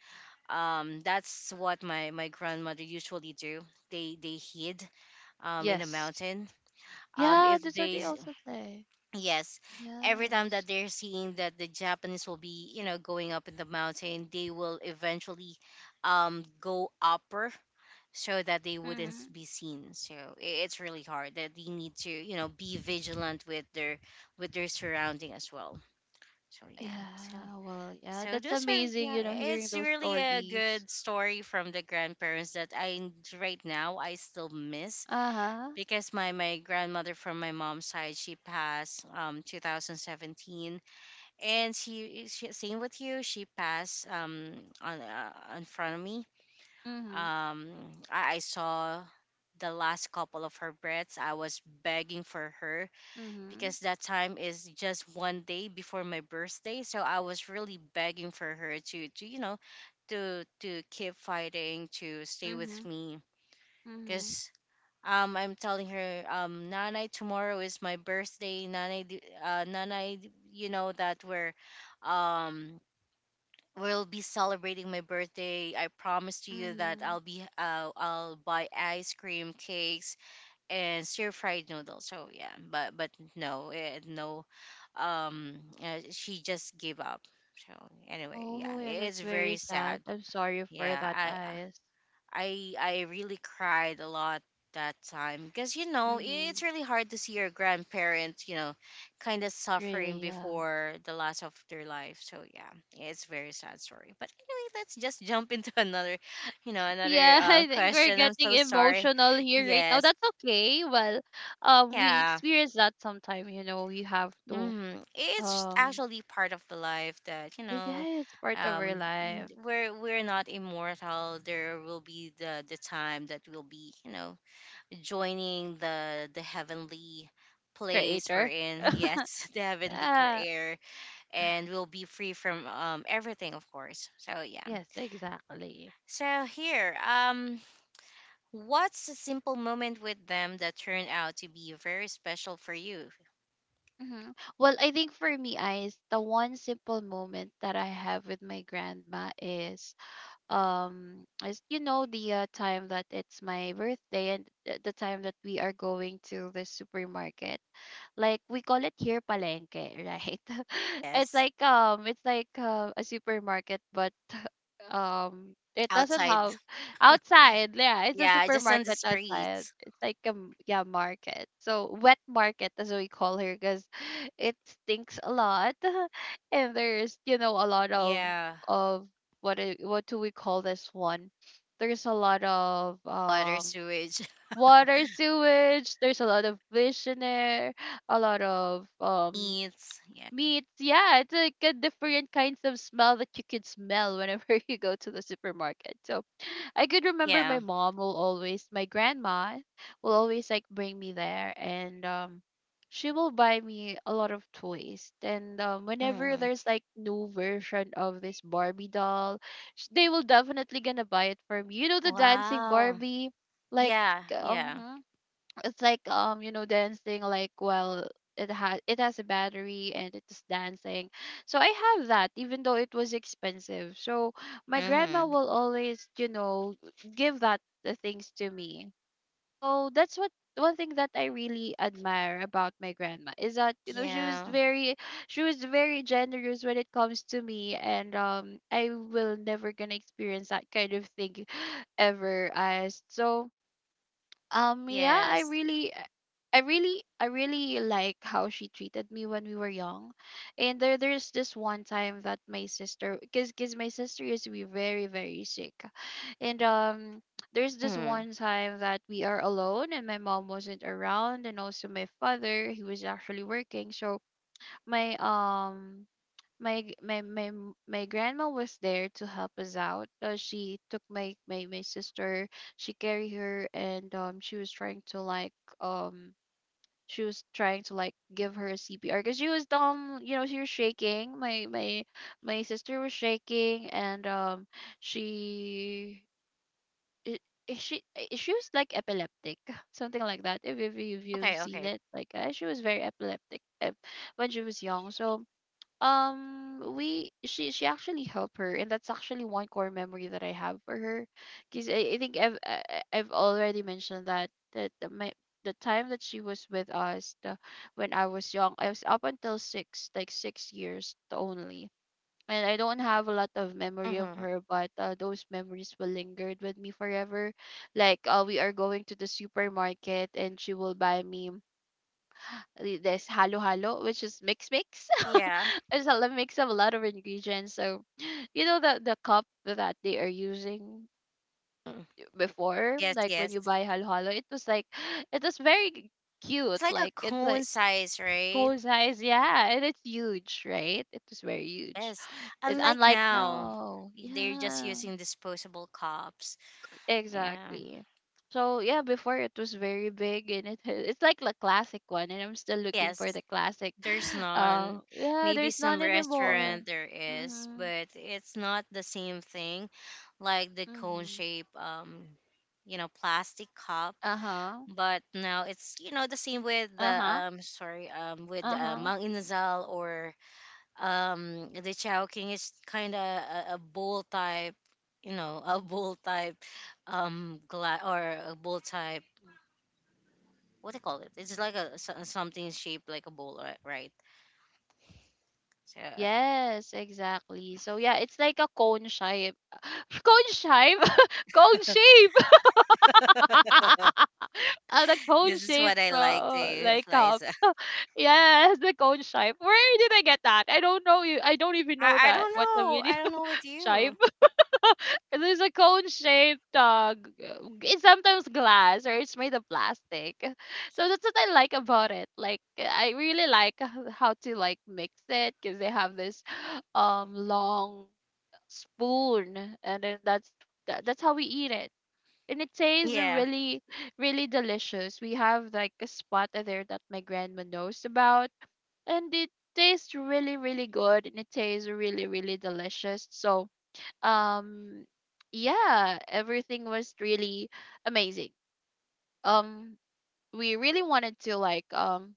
That's what my grandmother usually do. They hid in the
Yes.
mountain.
Yeah,
If
that's what
they
they also say.
Yes, every time that
Yes.
they're seeing that the Japanese will be, you know, going up in the mountain, they will eventually go upper, so that they wouldn't s-
Hmm.
be seen. It's really hard that they need to, you know, be vigilant with their surrounding as well. So yeah. So
Yeah, well, yeah,
so
that's
those are
amazing,
yeah,
you know, hearing
it's
those
really a good
stories.
story from the grandparents that right now I still miss,
Uh-huh.
because my grandmother from my mom's side, she passed 2017. And she same with you, she passed on in front of me.
Mm-hmm.
Um I, I saw the last couple of her breaths. I was begging for her,
Mm-hmm.
because that time is just one day before my birthday, so I was really begging for her to you know, to keep fighting, to stay with
Mm-hmm.
me.
Mm-hmm.
Because I'm telling her, Nanay, tomorrow is my birthday. Nanay, Nanay, you know that we're, um, we'll be celebrating my birthday. I promised you that
Mm-hmm.
I'll be, I'll buy ice cream, cakes, and stir fried noodles. So yeah, but no. She just gave up. So anyway, yeah,
Oh, yeah,
it's
that's very
very
sad.
sad.
I'm sorry for
Yeah,
that,
I
eyes.
I I really cried a lot that time, because you know
Mm-hmm.
it's really hard to see your grandparents, you know, kind of suffering
Really, yeah.
before the last of their life. So yeah, it's very sad story. But anyway, let's just jump into [LAUGHS] another, you know, another
Yeah, [LAUGHS] I think we're
question. I'm
getting
so sorry.
emotional here right now.
Yes.
That's okay. Well, we
Yeah.
experience that sometime, you know, we have to,
It's
um,
actually part of the life that you know,
yeah, it's part of
um
our life.
we're not immortal. There will be the time that will be, you know, joining the heavenly place we're
Creator.
in.
[LAUGHS]
Yes. [LAUGHS] The heavenly
Yeah.
career. And we'll be free from everything, of course. So yeah,
Yes, exactly.
so here, what's a simple moment with them that turned out to be very special for you?
hmm Well, I think for me, Ice, the one simple moment that I have with my grandma is the time that it's my birthday and the time that we are going to the supermarket. Like we call it here palengke, right? [LAUGHS] it's
Yes.
like um it's like uh, a supermarket, but [LAUGHS] it doesn't
Outside.
have outside. Yeah, it's a
Yeah, just on the
supermarket outside.
streets.
It's like a yeah, market. So wet market as we call here because [LAUGHS] it stinks a lot. [LAUGHS] And there's a lot of
Yeah.
of what do we call this one? There's a lot of
Water sewage. [LAUGHS]
water sewage. There's a lot of fish in there, a lot of
Meats, yeah.
meats. Yeah, it's like a different kinds of smell that you could smell whenever [LAUGHS] you go to the supermarket. So I could remember my
Yeah.
mom will always, my grandma will always like bring me there. And she will buy me a lot of toys, and whenever
Hmm.
there's like new version of this Barbie doll, they will definitely gonna buy it for me, the dancing
Wow.
Barbie. Like
Yeah, yeah.
um it's like dancing, like, well, it has a battery and it's dancing. So I have that even though it was expensive. So my grandma
Hmm.
will always, give that the things to me. So that's what, one thing that I really admire about my grandma is that, she was
Yeah.
very generous when it comes to me. And I will never gonna experience that kind of thing ever as so. Yeah,
Yes.
I really like how she treated me when we were young. And there's this one time that my sister, cuz my sister used to be very very sick. And there's this
Mm.
one time that we are alone and my mom wasn't around, and also my father, he was actually working. So my my g- my m- my grandma was there to help us out. She took my sister. She carried her, and she was trying to um, like give her a CPR because she was shaking. My sister was shaking, and she. I- I- she was like epileptic, [LAUGHS] something like that. If you've
Okay,
seen
okay.
it, like, she was very epileptic, when she was young. So we she actually helped her, and that's actually one core memory that I have for her because I think I've already mentioned that that the- my the time that she was with us, when I was young I was up until 6 years only, and I don't have a lot of memory of
Mm-hmm.
her, but those memories will lingered with me forever. Like, we are going to the supermarket and she will buy me this halo halo, which is mix mix. [LAUGHS]
Yeah.
It's a lot mix of a lot of ingredients. So, you know, the cup that they are using
Mm.
before,
Yes,
like when
yes.
you buy halo halo, it was like [GASPS] [SIGHS] it was very
It's
cute.
like a
Like, it's
cone
like
size, right?
cool size, yeah, and it's huge, right? It was very huge.
Yes.
It's
Unlike
unlike
now,
now,
they're just
yeah.
using disposable cups. Yeah.
Exactly. So yeah, before it was very big and it [LAUGHS] has, it's like the classic one, and I'm still looking for
Yes,
the classic. [GASPS]
there's
[LAUGHS]
none.
Yeah,
Maybe
there's none
some
anymore.
restaurant there is,
Mhm.
but it's not the same thing like the cone
Mhm.
shape, you know, plastic cup.
Uh-huh.
But now it's, you know, the same with the
Uh-huh.
sorry with
Uh-huh.
Mang Inasal, or the Chow King, is kind of a bowl type, you know, a bowl type glass, or a bowl type. What do you call it? It's like something shaped like a bowl, right? So
Yes, exactly. So yeah, it's like a cone shape. [LAUGHS] Cone shape. [LAUGHS] Cone shape. [LAUGHS] Ah, the cone
this is
shape,
what I like to use,
like cup.
Liza. [LAUGHS]
[LAUGHS] Yes, the cone shape. Where did I get that? I don't know. You, I don't even know
I
that.
don't
What the
know.
video
I don't know with
[LAUGHS] shape?
you.
[LAUGHS] There's a cone shaped. It's sometimes glass or it's made of plastic. So that's what I like about it. Like, I really like how to like mix it because they have this [GASPS] long spoon, and then that's how we eat it, and it tastes
Yeah.
really really delicious. We have like a spot there that my grandma knows about, and it tastes really really good and it tastes really really delicious. So um yeah, everything was really amazing. Um we really wanted to like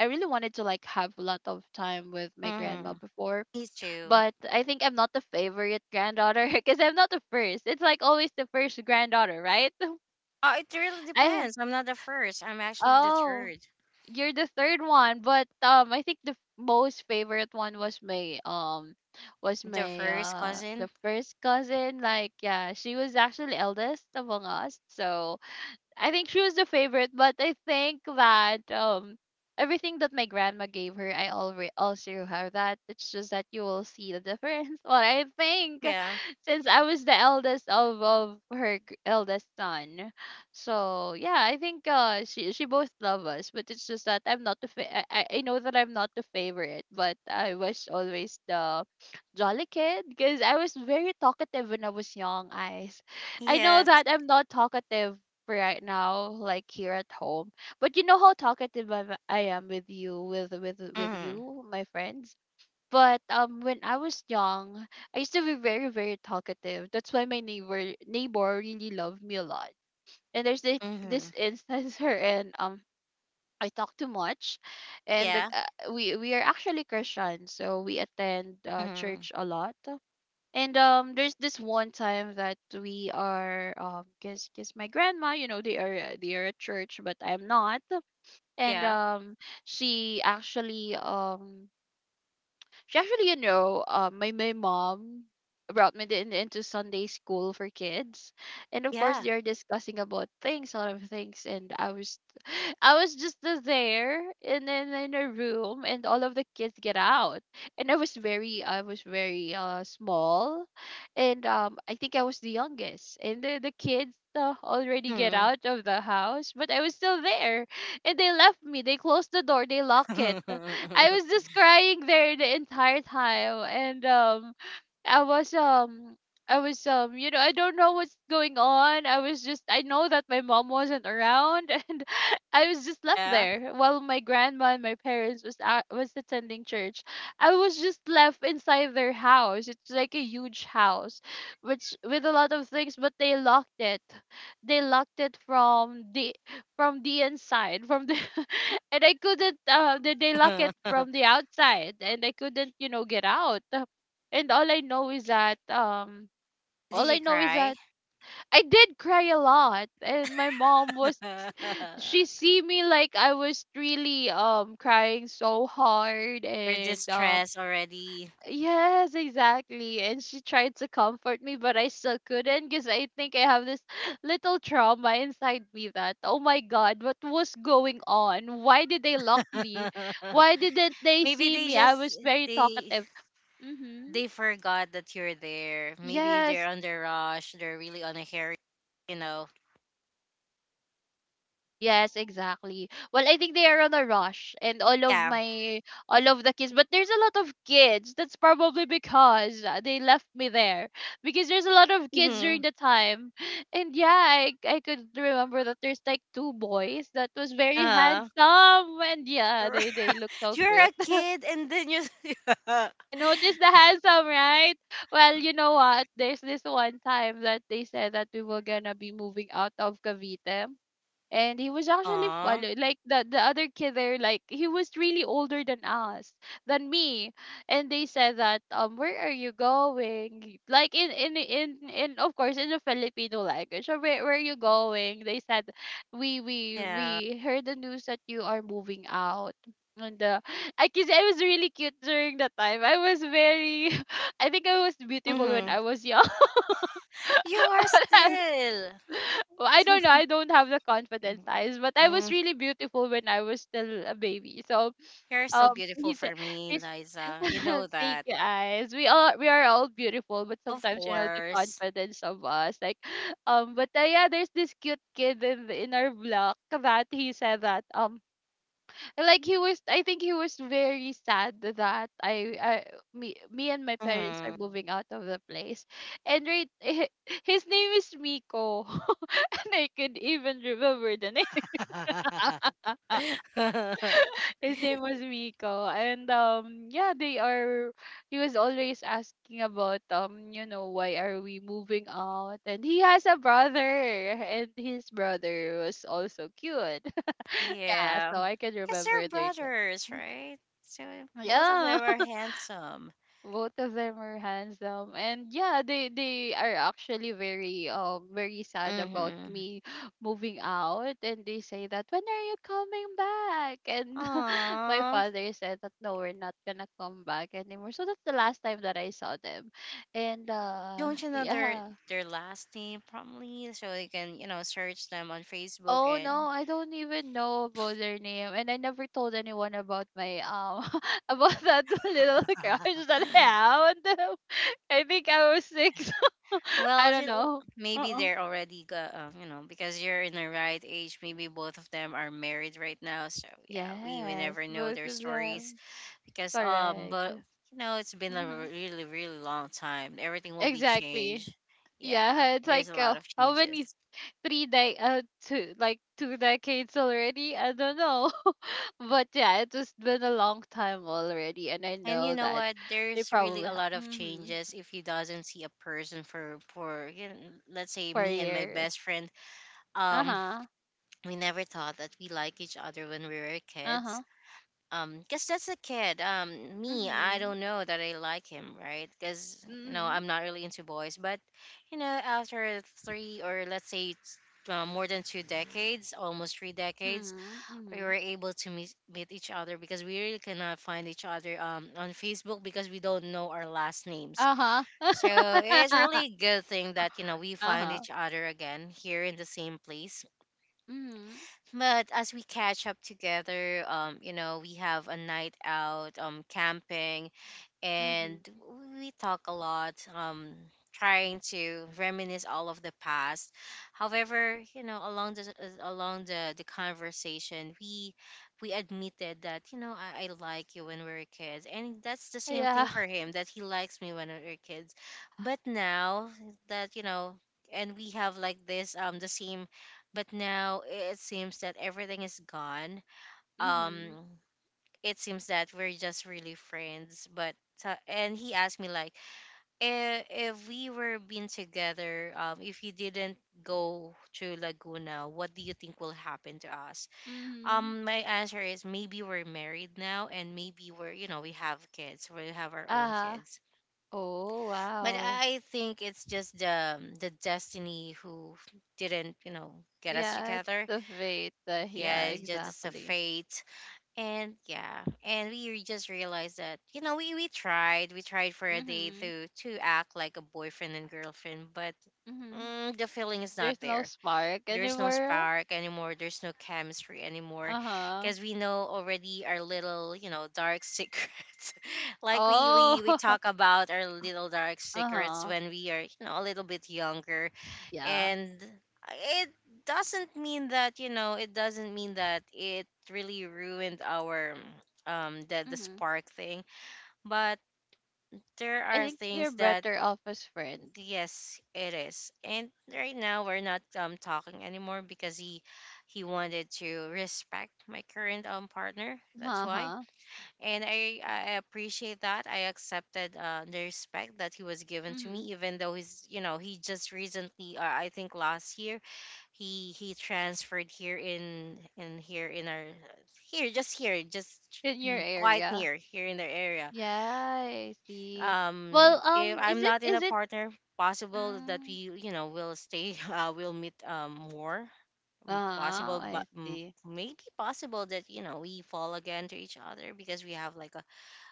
I really wanted to like have a lot of time with my grandma
Mm-hmm.
before,
Me too.
but I think I'm not the favorite granddaughter [LAUGHS] because I'm not the first. It's like always the first granddaughter, right? [LAUGHS]
Oh, it really
I
depends. I'm not the first. I'm actually the
oh
third.
you're the third one. But I think the most favorite one was
The
my
first
the
cousin.
first cousin. Like, yeah, she was actually eldest among us. So I think she was the favorite, but I think that everything that my grandma gave her, I already also have that. It's just that you will see the difference. [LAUGHS] What I think,
Yeah.
since I was the eldest of her eldest son. So yeah, I think she both love us, but it's just that I'm not the I know that I'm not the favorite, but I was always the jolly kid because I was very talkative when I was young. I know
Yes.
that I'm not talkative right now, like here at home. But you know how talkative I am with you, with with
Mm-hmm.
you, my friends. But when I was young, I used to be very very talkative. That's why my neighbor really loved me a lot. And there's this
Mm-hmm.
this instance [LAUGHS] wherein I talk too much, and
Yeah.
we are actually Christian, so we attend
Mm-hmm.
church a lot. And there's this one time that we are cause my grandma, you know, they are at church, but I'm not. And
Yeah.
she actually um, she actually, you know, my mom brought me into Sunday school for kids, and of course
Yeah.
they are discussing about things, a lot of things, and I was, [LAUGHS] [SIGHS] I was just there, and then in a room, and all of the kids get out, and I was very small, and I think I was the youngest, and the kids. Already get
Hmm.
out of the house, but I was still there, and they left me, they closed the door, they lock it. [LAUGHS] I was
[LAUGHS]
just crying there the entire time. And I was I was I don't know what's going on. I was just I know that my mom wasn't around, [LAUGHS] and I was just left
Yeah.
there while my grandma and my parents was was attending church. I was just left inside their house. It's like a huge house which with a lot of things, but they locked it. They locked it from the inside, from the [LAUGHS] and I couldn't, they lock it from
[LAUGHS]
the outside, and I couldn't, get out, and all I know is that
Did
all I
you
know is
cry?
that I did cry a lot, and my mom was, she
[LAUGHS]
see me, like I was really crying so hard.
Or
And
distressed already?
yes, exactly, and she tried to comfort me, but I still couldn't because I think I have this [SIGHS] little trauma inside me that, oh my god, what was going on, why did they lock me,
[LAUGHS]
why didn't they
Maybe
see
they
me? I
just
was very
they
talkative. Mhm.
they forgot that you're there. Maybe they're
Yes.
on the rush. They're really on a hurry. You know.
Yes, exactly. Well, I think they are on a rush, and
Yeah.
all of the kids, but there's a lot of kids. That's probably because they left me there because there's a lot of kids
Mm-hmm.
during the time. And yeah, I could remember that there's like two boys that was very
Uh.
handsome, and yeah, they look
[LAUGHS]
so
You're a
cute. [LAUGHS]
kid, and then you. [LAUGHS]
I noticed the handsome, right? Well, you know what? There's this one time that they said that we were gonna be moving out of Cavite, and he was actually
Aw.
follow like the other kid there, like he was really older than us than me. And they said that, where are you going, like, in of course in the Filipino language. So where are you going, they said, we we
Yeah.
we heard the news that you are moving out. And I guess I was really cute during that time. I was very, [LAUGHS] I think I was beautiful when
Mm-hmm.
I was young.
You are
[LAUGHS]
still.
Well, I don't know. I don't have the confidence, eyes, but I was
[LAUGHS]
really beautiful when I was still a baby. So
You're still beautiful
he said,
for me,
he's
Liza. You know
[LAUGHS] thank
that.
you, eyes. We are all beautiful, but
Of
sometimes you know the
course.
confidence of us, like. But yeah, there's this cute kid in our block that he said that like he was. I think he was very sad that I me and my parents are
Hmm.
moving out of the place, and right, [LAUGHS] his name is Miko. [LAUGHS] I could even remember the name. [LAUGHS]
[LAUGHS]
His name was Rico. And yeah, they are he was always asking about why are we moving out? And he has a brother and his brother was also cute. [LAUGHS] Yeah,
Yeah.
so I can
Because
remember
they're
their name.
brothers, right? So both of
Yeah.
them are handsome.
Both of them are handsome, and yeah, they are actually very sad about
Mm-hmm.
me [GASPS] [LAUGHS] moving out, and they say that when are you coming back, and [LAUGHS] my
Aww.
father said that no, we're not gonna come back anymore, so that's the last time that I saw them, and
Don't you know their
yeah.
last name probably? So you can, you know, search them on Facebook.
Oh no,
And
I don't even know about their name, and I never told anyone about my [LAUGHS] about that [LAUGHS] little crush that I
[LAUGHS]
have on them. [LAUGHS] I think I was six. [LAUGHS] I
well,
don't know.
maybe
Uh-uh.
they're already got, you know, because you're in the right age. Maybe both of them are married right now. So yeah, we will
Yes,
never know
both
their
of
stories.
them.
Because
Correct.
but you know, it's been a
Mm-hmm.
really really long time. Everything will be
Exactly.
changed. Yeah,
Yeah, it's
there's a
like
lot of
how many
changes.
three de two decades already? I don't know. But yeah, it has been a long time already, and I
And you
know
know
that
what?
they
There's really
probably
a
have
lot of
hmm
changes if you doesn't see a person for you know, let's say
for
me and my
years.
best friend.
Uh
Um,
huh.
we never thought that we like each other when we were
Uh
kids,
huh.
because that's a kid. Me I
Mhm.
don't know that I like him, right? Because you know
Mhm.
I'm not really into boys. But you know, after three, or let's say more than two decades, almost three decades,
Mhm.
we were
Mhm.
able to meet each other, because we really cannot find each other on Facebook, because we don't know our last names.
Uh
So it's
huh. [LAUGHS]
really good thing that, you know, we
Uh
find
huh.
each other again here in the same place.
Mhm.
But as we catch up together, you know, we have a night out, camping,
Mhm.
and
[LAUGHS]
we talk a lot, trying to reminisce all of the past. However, you know, along the along the conversation, we admitted that, you know, I like you when we were kids. And that's the same
Yeah.
thing for him, that he likes me when we were kids. But now that, you know, and we have like this, the same. But now it seems that everything is gone.
Mhm.
um it seems that we're just really friends. And he asked me like, if we were been together, if you didn't go to Laguna, what do you think will happen to us?
Mhm.
My answer is maybe we're married now, and maybe we're, you know, we have kids, we have our own
Uh huh.
kids.
Oh
But
wow.
I think it's just the destiny who didn't, you know, get us
Yeah, it's
together.
the fate.
Yeah,
Yeah,
it's just a
exactly.
fate. And yeah, and we just realized that, you know, we tried, we tried for a day
Mhm.
to act like a boyfriend and girlfriend. But
Mhm.
the feeling is not
There's no
there.
spark
There's no
anymore.
spark anymore. There's no chemistry anymore.
Uh huh.
Because we know already our little, you know, dark secrets. [LAUGHS] Like we
Oh,
we we talk about our little dark
[LAUGHS]
secrets,
uh-huh.
when we are, you know, a little bit younger.
Yeah.
And it doesn't mean that, you know, it doesn't mean that it really ruined our, the
Mm-hmm.
spark thing. But there
I
are
think you're
things that
better off as friends.
yes, it is. And right now we're not talking anymore, because he wanted to respect my current partner. That's why.
Uh-huh.
And I appreciate that. I accepted the respect that he was given to me,
Mm-hmm.
even though he just recently I think last year he transferred here in here in our here just
In your
quite
area.
near here in the area.
Yeah, I see.
um
Well,
if
is
I'm
it
not in a
is it
partner, possible that
mm,
we will stay [LAUGHS] will meet more. Mm,
uh,
possible, but
I see.
maybe possible that we fall again to each other, because we have like a,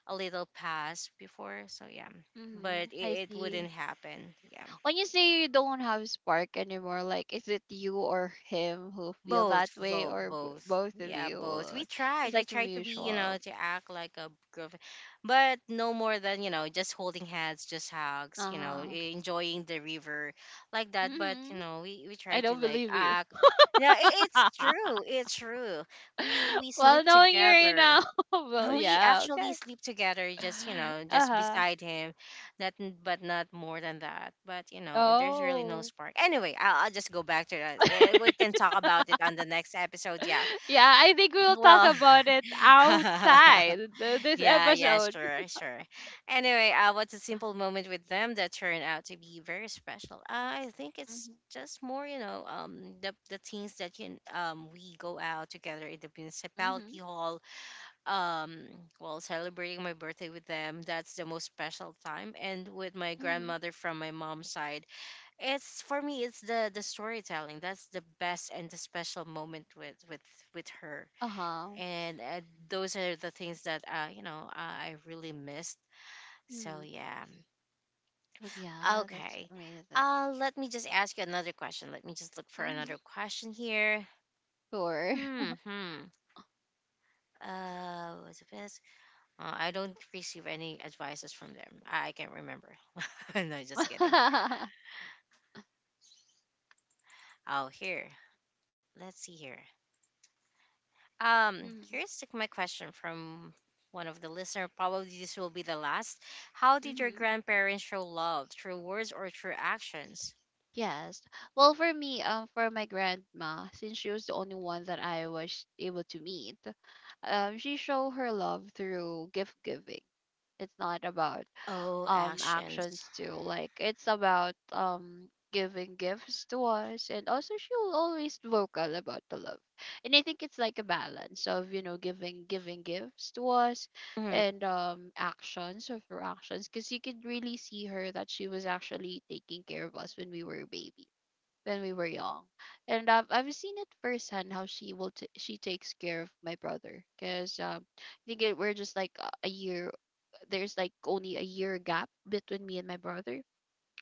a little past before, so yeah.
Mm-hmm.
But it,
I
it wouldn't
see.
happen, yeah.
When you say you don't have spark anymore, like is it you or him who feel
Both,
that way
both,
or
both.
both of
Yeah, both.
you?
We
It's
tried. We
like a
tried to be,
mutual.
to act like a girlfriend, but no more than, just holding hands, just hugs,
Uh-huh.
enjoying the river like that. But,
Mm-hmm.
we
I
try to
don't
like
believe you.
act. Yeah, it's
[LAUGHS]
true. It's true. We
[LAUGHS]
we
Well,
sleep
knowing you right
together.
now, [LAUGHS] well,
We
yeah, okay.
actually sleep together, just you know
Uh
just
huh.
beside him, not, but not more than that. But there's really no
Oh.
spark anyway. I'll just go back to that. We can talk about it on the next episode, yeah.
[LAUGHS] Yeah, I think we'll talk
Well,
about it
[LAUGHS]
outside this
yeah, yeah,
episode.
sure, sure. Anyway, what's a simple moment with them that turned out to be very special? I think it's
Mm-hmm.
just more, the things that can, we go out together in the
Mm-hmm.
municipality hall. um well, celebrating my birthday with them, that's the most special time. And with my
Mm-hmm.
grandmother from my mom's side, it's for me, it's the storytelling that's the best, and the special moment with with her.
Uh huh.
And those are the things that I really missed, so
Mm-hmm.
yeah.
Oh, yeah, that's
Okay.
amazing.
Let me just ask you another question. Let me just look for
Mm-hmm.
another question here.
Sure.
Hmm hmm what's the I don't receive any advices from them. I can't remember. [LAUGHS] No, just kidding.
[LAUGHS]
Oh, here. Let's see here. Um, my question from one of the listener. Probably this will be the last. How did your
Mm-hmm.
grandparents show love? Through words or through actions?
Yes. Well, for me, for my grandma, since she was the only one that I was able to meet, she showed her love through gift giving. It's not about
Oh, actions.
actions too. Like it's about giving gifts to us, and also she will always vocal about the love. And I think it's like a balance of you know giving gifts to us,
Hmm.
and actions of her actions, because you could really see her that she was actually taking care of us when we were a baby when we were young, and I've seen it firsthand how she will she takes care of my brother because I think we're just like a year. There's like only a year gap between me and my brother,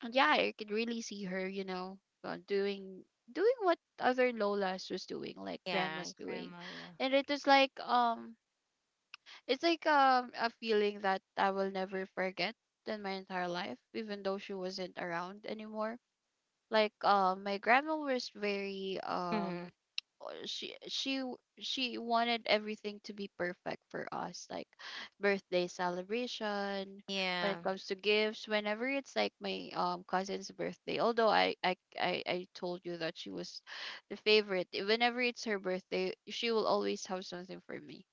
and yeah, I could really see her, you know, uh, doing doing what other lolas was doing, like
Yeah,
grandma's doing,
Grandma.
and it is like it's like a feeling that I will never forget in my entire life, even though she wasn't around anymore, like my grandma was very
Mm-hmm.
she wanted everything to be perfect for us, like birthday celebration, when
Yeah.
it comes to gifts whenever it's like my cousin's birthday, although I told you that she was the favorite. Whenever it's her birthday, she will always have something for me,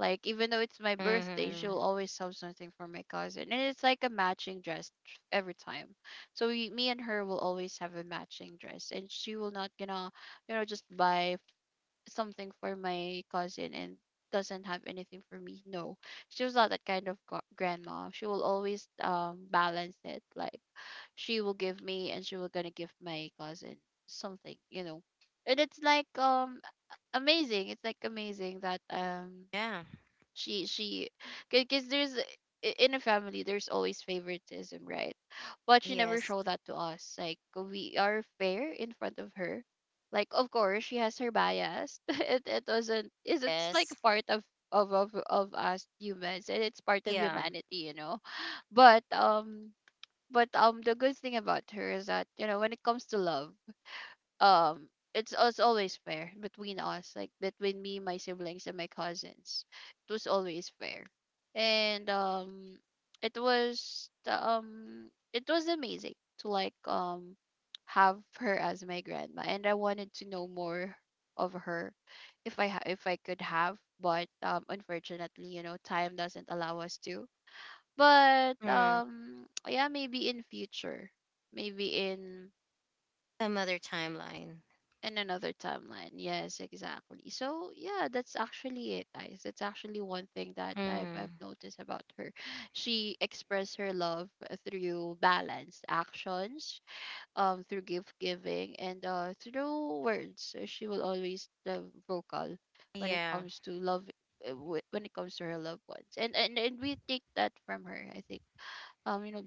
like even though it's my birthday,
Mm-hmm.
she'll always have something for my cousin, and it's like a matching dress every time. So we, me and her will always have a matching dress, and she will not gonna, you know, just buy something for my cousin and doesn't have anything for me. No, she was not that kind of grandma. She will always balance it. Like she will give me, and she will gonna give my cousin something, you know. And it's like amazing. It's like amazing that
Yeah.
she because there's in a family there's always favoritism, right? But she never
Yes.
showed that to us, like we are fair in front of her. Like of course she has her bias. [LAUGHS] it doesn't is it's like
Yes.
a part of of us humans, and it's part of
Yeah.
humanity, you know. But but the good thing about her is that you know when it comes to love, um, it's always fair between us, like between me, my siblings, and my cousins. It was always fair. And it was amazing to like have her as my grandma, and I wanted to know more of her, if if I could have. But unfortunately, you know, time doesn't allow us to. But
Mm.
yeah, maybe in future, maybe
Some other timeline.
in another timeline. Yes, exactly. So yeah, that's actually it, guys. That's actually one thing that I've
Mm.
noticed about her. She expressed her love through balanced actions, through gift giving, and through words. She will always the vocal when it
Yeah.
comes to love, uh, when it comes to her loved ones, and we take that from her. I think. You know,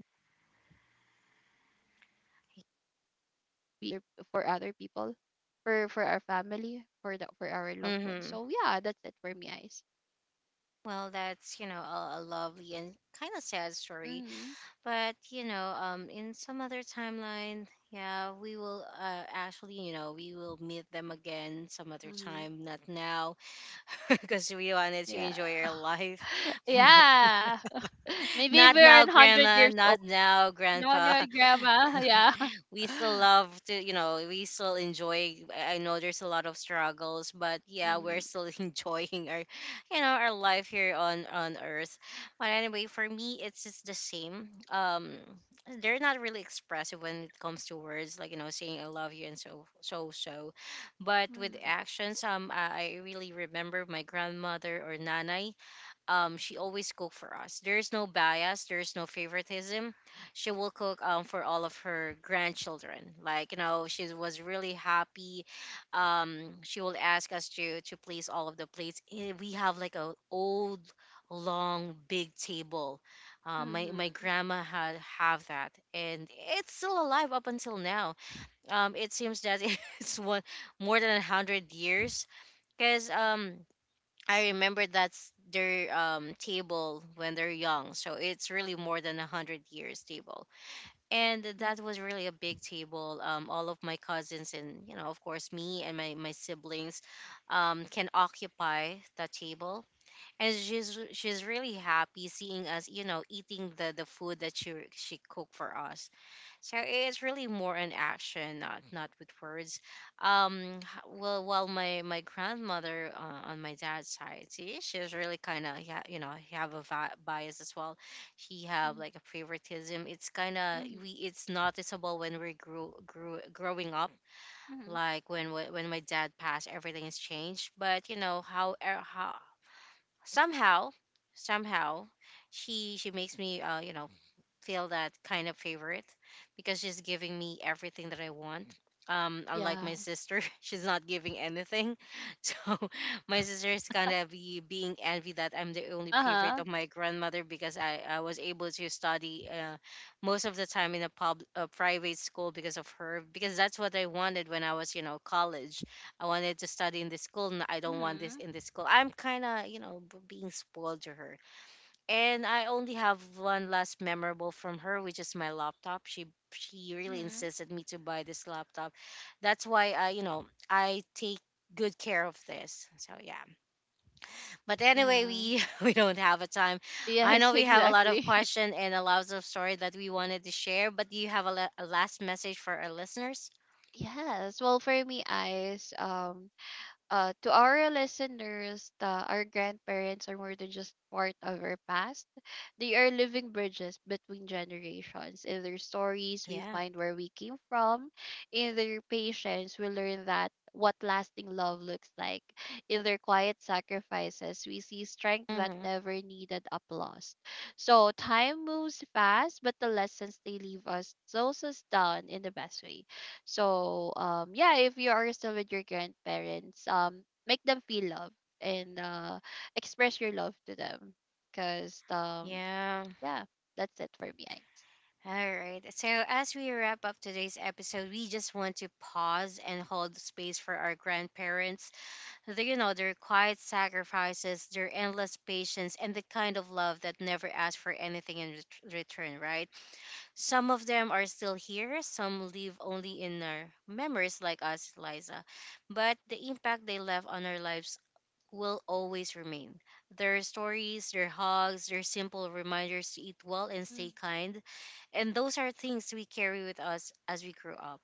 pe- for other people, for our family, for the for our loved ones.
Mm-hmm.
So yeah, that's it for me, guys.
Well, that's, a lovely and kind of sad story.
Mhm.
But, in some other timeline, yeah, we will, actually, we will meet them again some other
Mhm.
time, not now. [LAUGHS] Because we wanted to
Yeah.
enjoy our
[LAUGHS]
life. [LAUGHS] But
Yeah. [LAUGHS] Maybe if
not
we're
now,
in hundred
Grandma.
years old.
Not now,
No,
Grandpa.
no, grandma. Yeah.
We still
[LAUGHS]
love to, we still enjoy. I know there's a lot of struggles, but yeah, we're
Mhm.
still [LAUGHS] enjoying our you know our life here on earth. But anyway, for me, it's just the same. They're not really expressive when it comes to words, like saying I love you, and so so so. But with
Mhm.
actions, I really remember my grandmother or Nana. She always cook for us. There's no bias, there's no favoritism. She will cook for all of her grandchildren, like she was really happy. She will ask us to place all of the plates. We have like a old long big table. My
Mhm.
grandma had have that, and it's still alive up until now. It seems that [LAUGHS] it's one more than 100 years, because I remember that's their table when they're young. So it's really more than 100 years table, and that was really a big table. All of my cousins, and of course, me and my siblings, can occupy that table. And she's really happy seeing us, eating the food that she cooked for us. So it's really more an action, not with words. Well, while my grandmother, on my dad's side, see, she's really kind of, yeah, have a bias as well. He have
Mhm.
like a favoritism. It's kind of
Mhm.
we. It's noticeable when we grew growing up.
Mhm.
Like when when my dad passed, everything has changed. But you know how, how somehow somehow she makes me feel that kind of favorite, because she's giving me everything that I want. Unlike
Yeah.
my sister, [LAUGHS] she's not giving anything. [LAUGHS] So my sister is kind of being envy that I'm the only
Uh
favorite
huh.
of my grandmother, because I was able to study most of the time in a private school because of her, because that's what I wanted when I was, college. I wanted to study in this school, and I don't want this
Mhm.
in this school. I'm kind of, being spoiled to her. And I only have one last memorable from her, which is my laptop. She really
Mhm.
insisted me to buy this laptop. That's why I take good care of this. So yeah. But anyway,
Yeah.
we [LAUGHS] we don't have a time. I
Yes, [LAUGHS]
know we have a lot of
exactly. [LAUGHS]
question and a lot of story that we wanted to share, but do you have a, a last message for our listeners?
Yes. Well, for me, eyes. To our listeners, our grandparents are more than just part of our past. They are living bridges between generations. In their stories, we
Yeah.
find where we came from. In their patience, we learn that what lasting love looks like. In their quiet sacrifices, we see strength that
Mm-hmm.
never needed applause. So time moves fast, but the lessons they leave us slows us down in the best way. So yeah, if you are still with your grandparents, make them feel love and express your love to them. Cause
Yeah.
yeah, that's it for me, guys.
All right. So, as we wrap up today's episode, we just want to pause and hold space for our grandparents. Their quiet sacrifices, their endless patience, and the kind of love that never asks for anything in return, right? Some of them are still here, some live only in our memories, like us, Liza. But the impact they left on our lives will always remain. Their stories, their hugs, their simple reminders to eat well and stay kind. And those are things we carry with us as we grow up.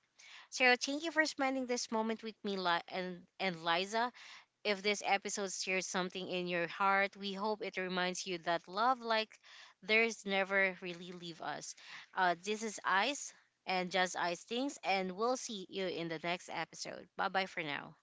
So thank you for spending this moment with me, and Liza. If this episode stirs something in your heart, we hope it reminds you that love like theirs never really leave us. This is Ice and Just Ice Things, and we'll see you in the next episode. Bye bye for now.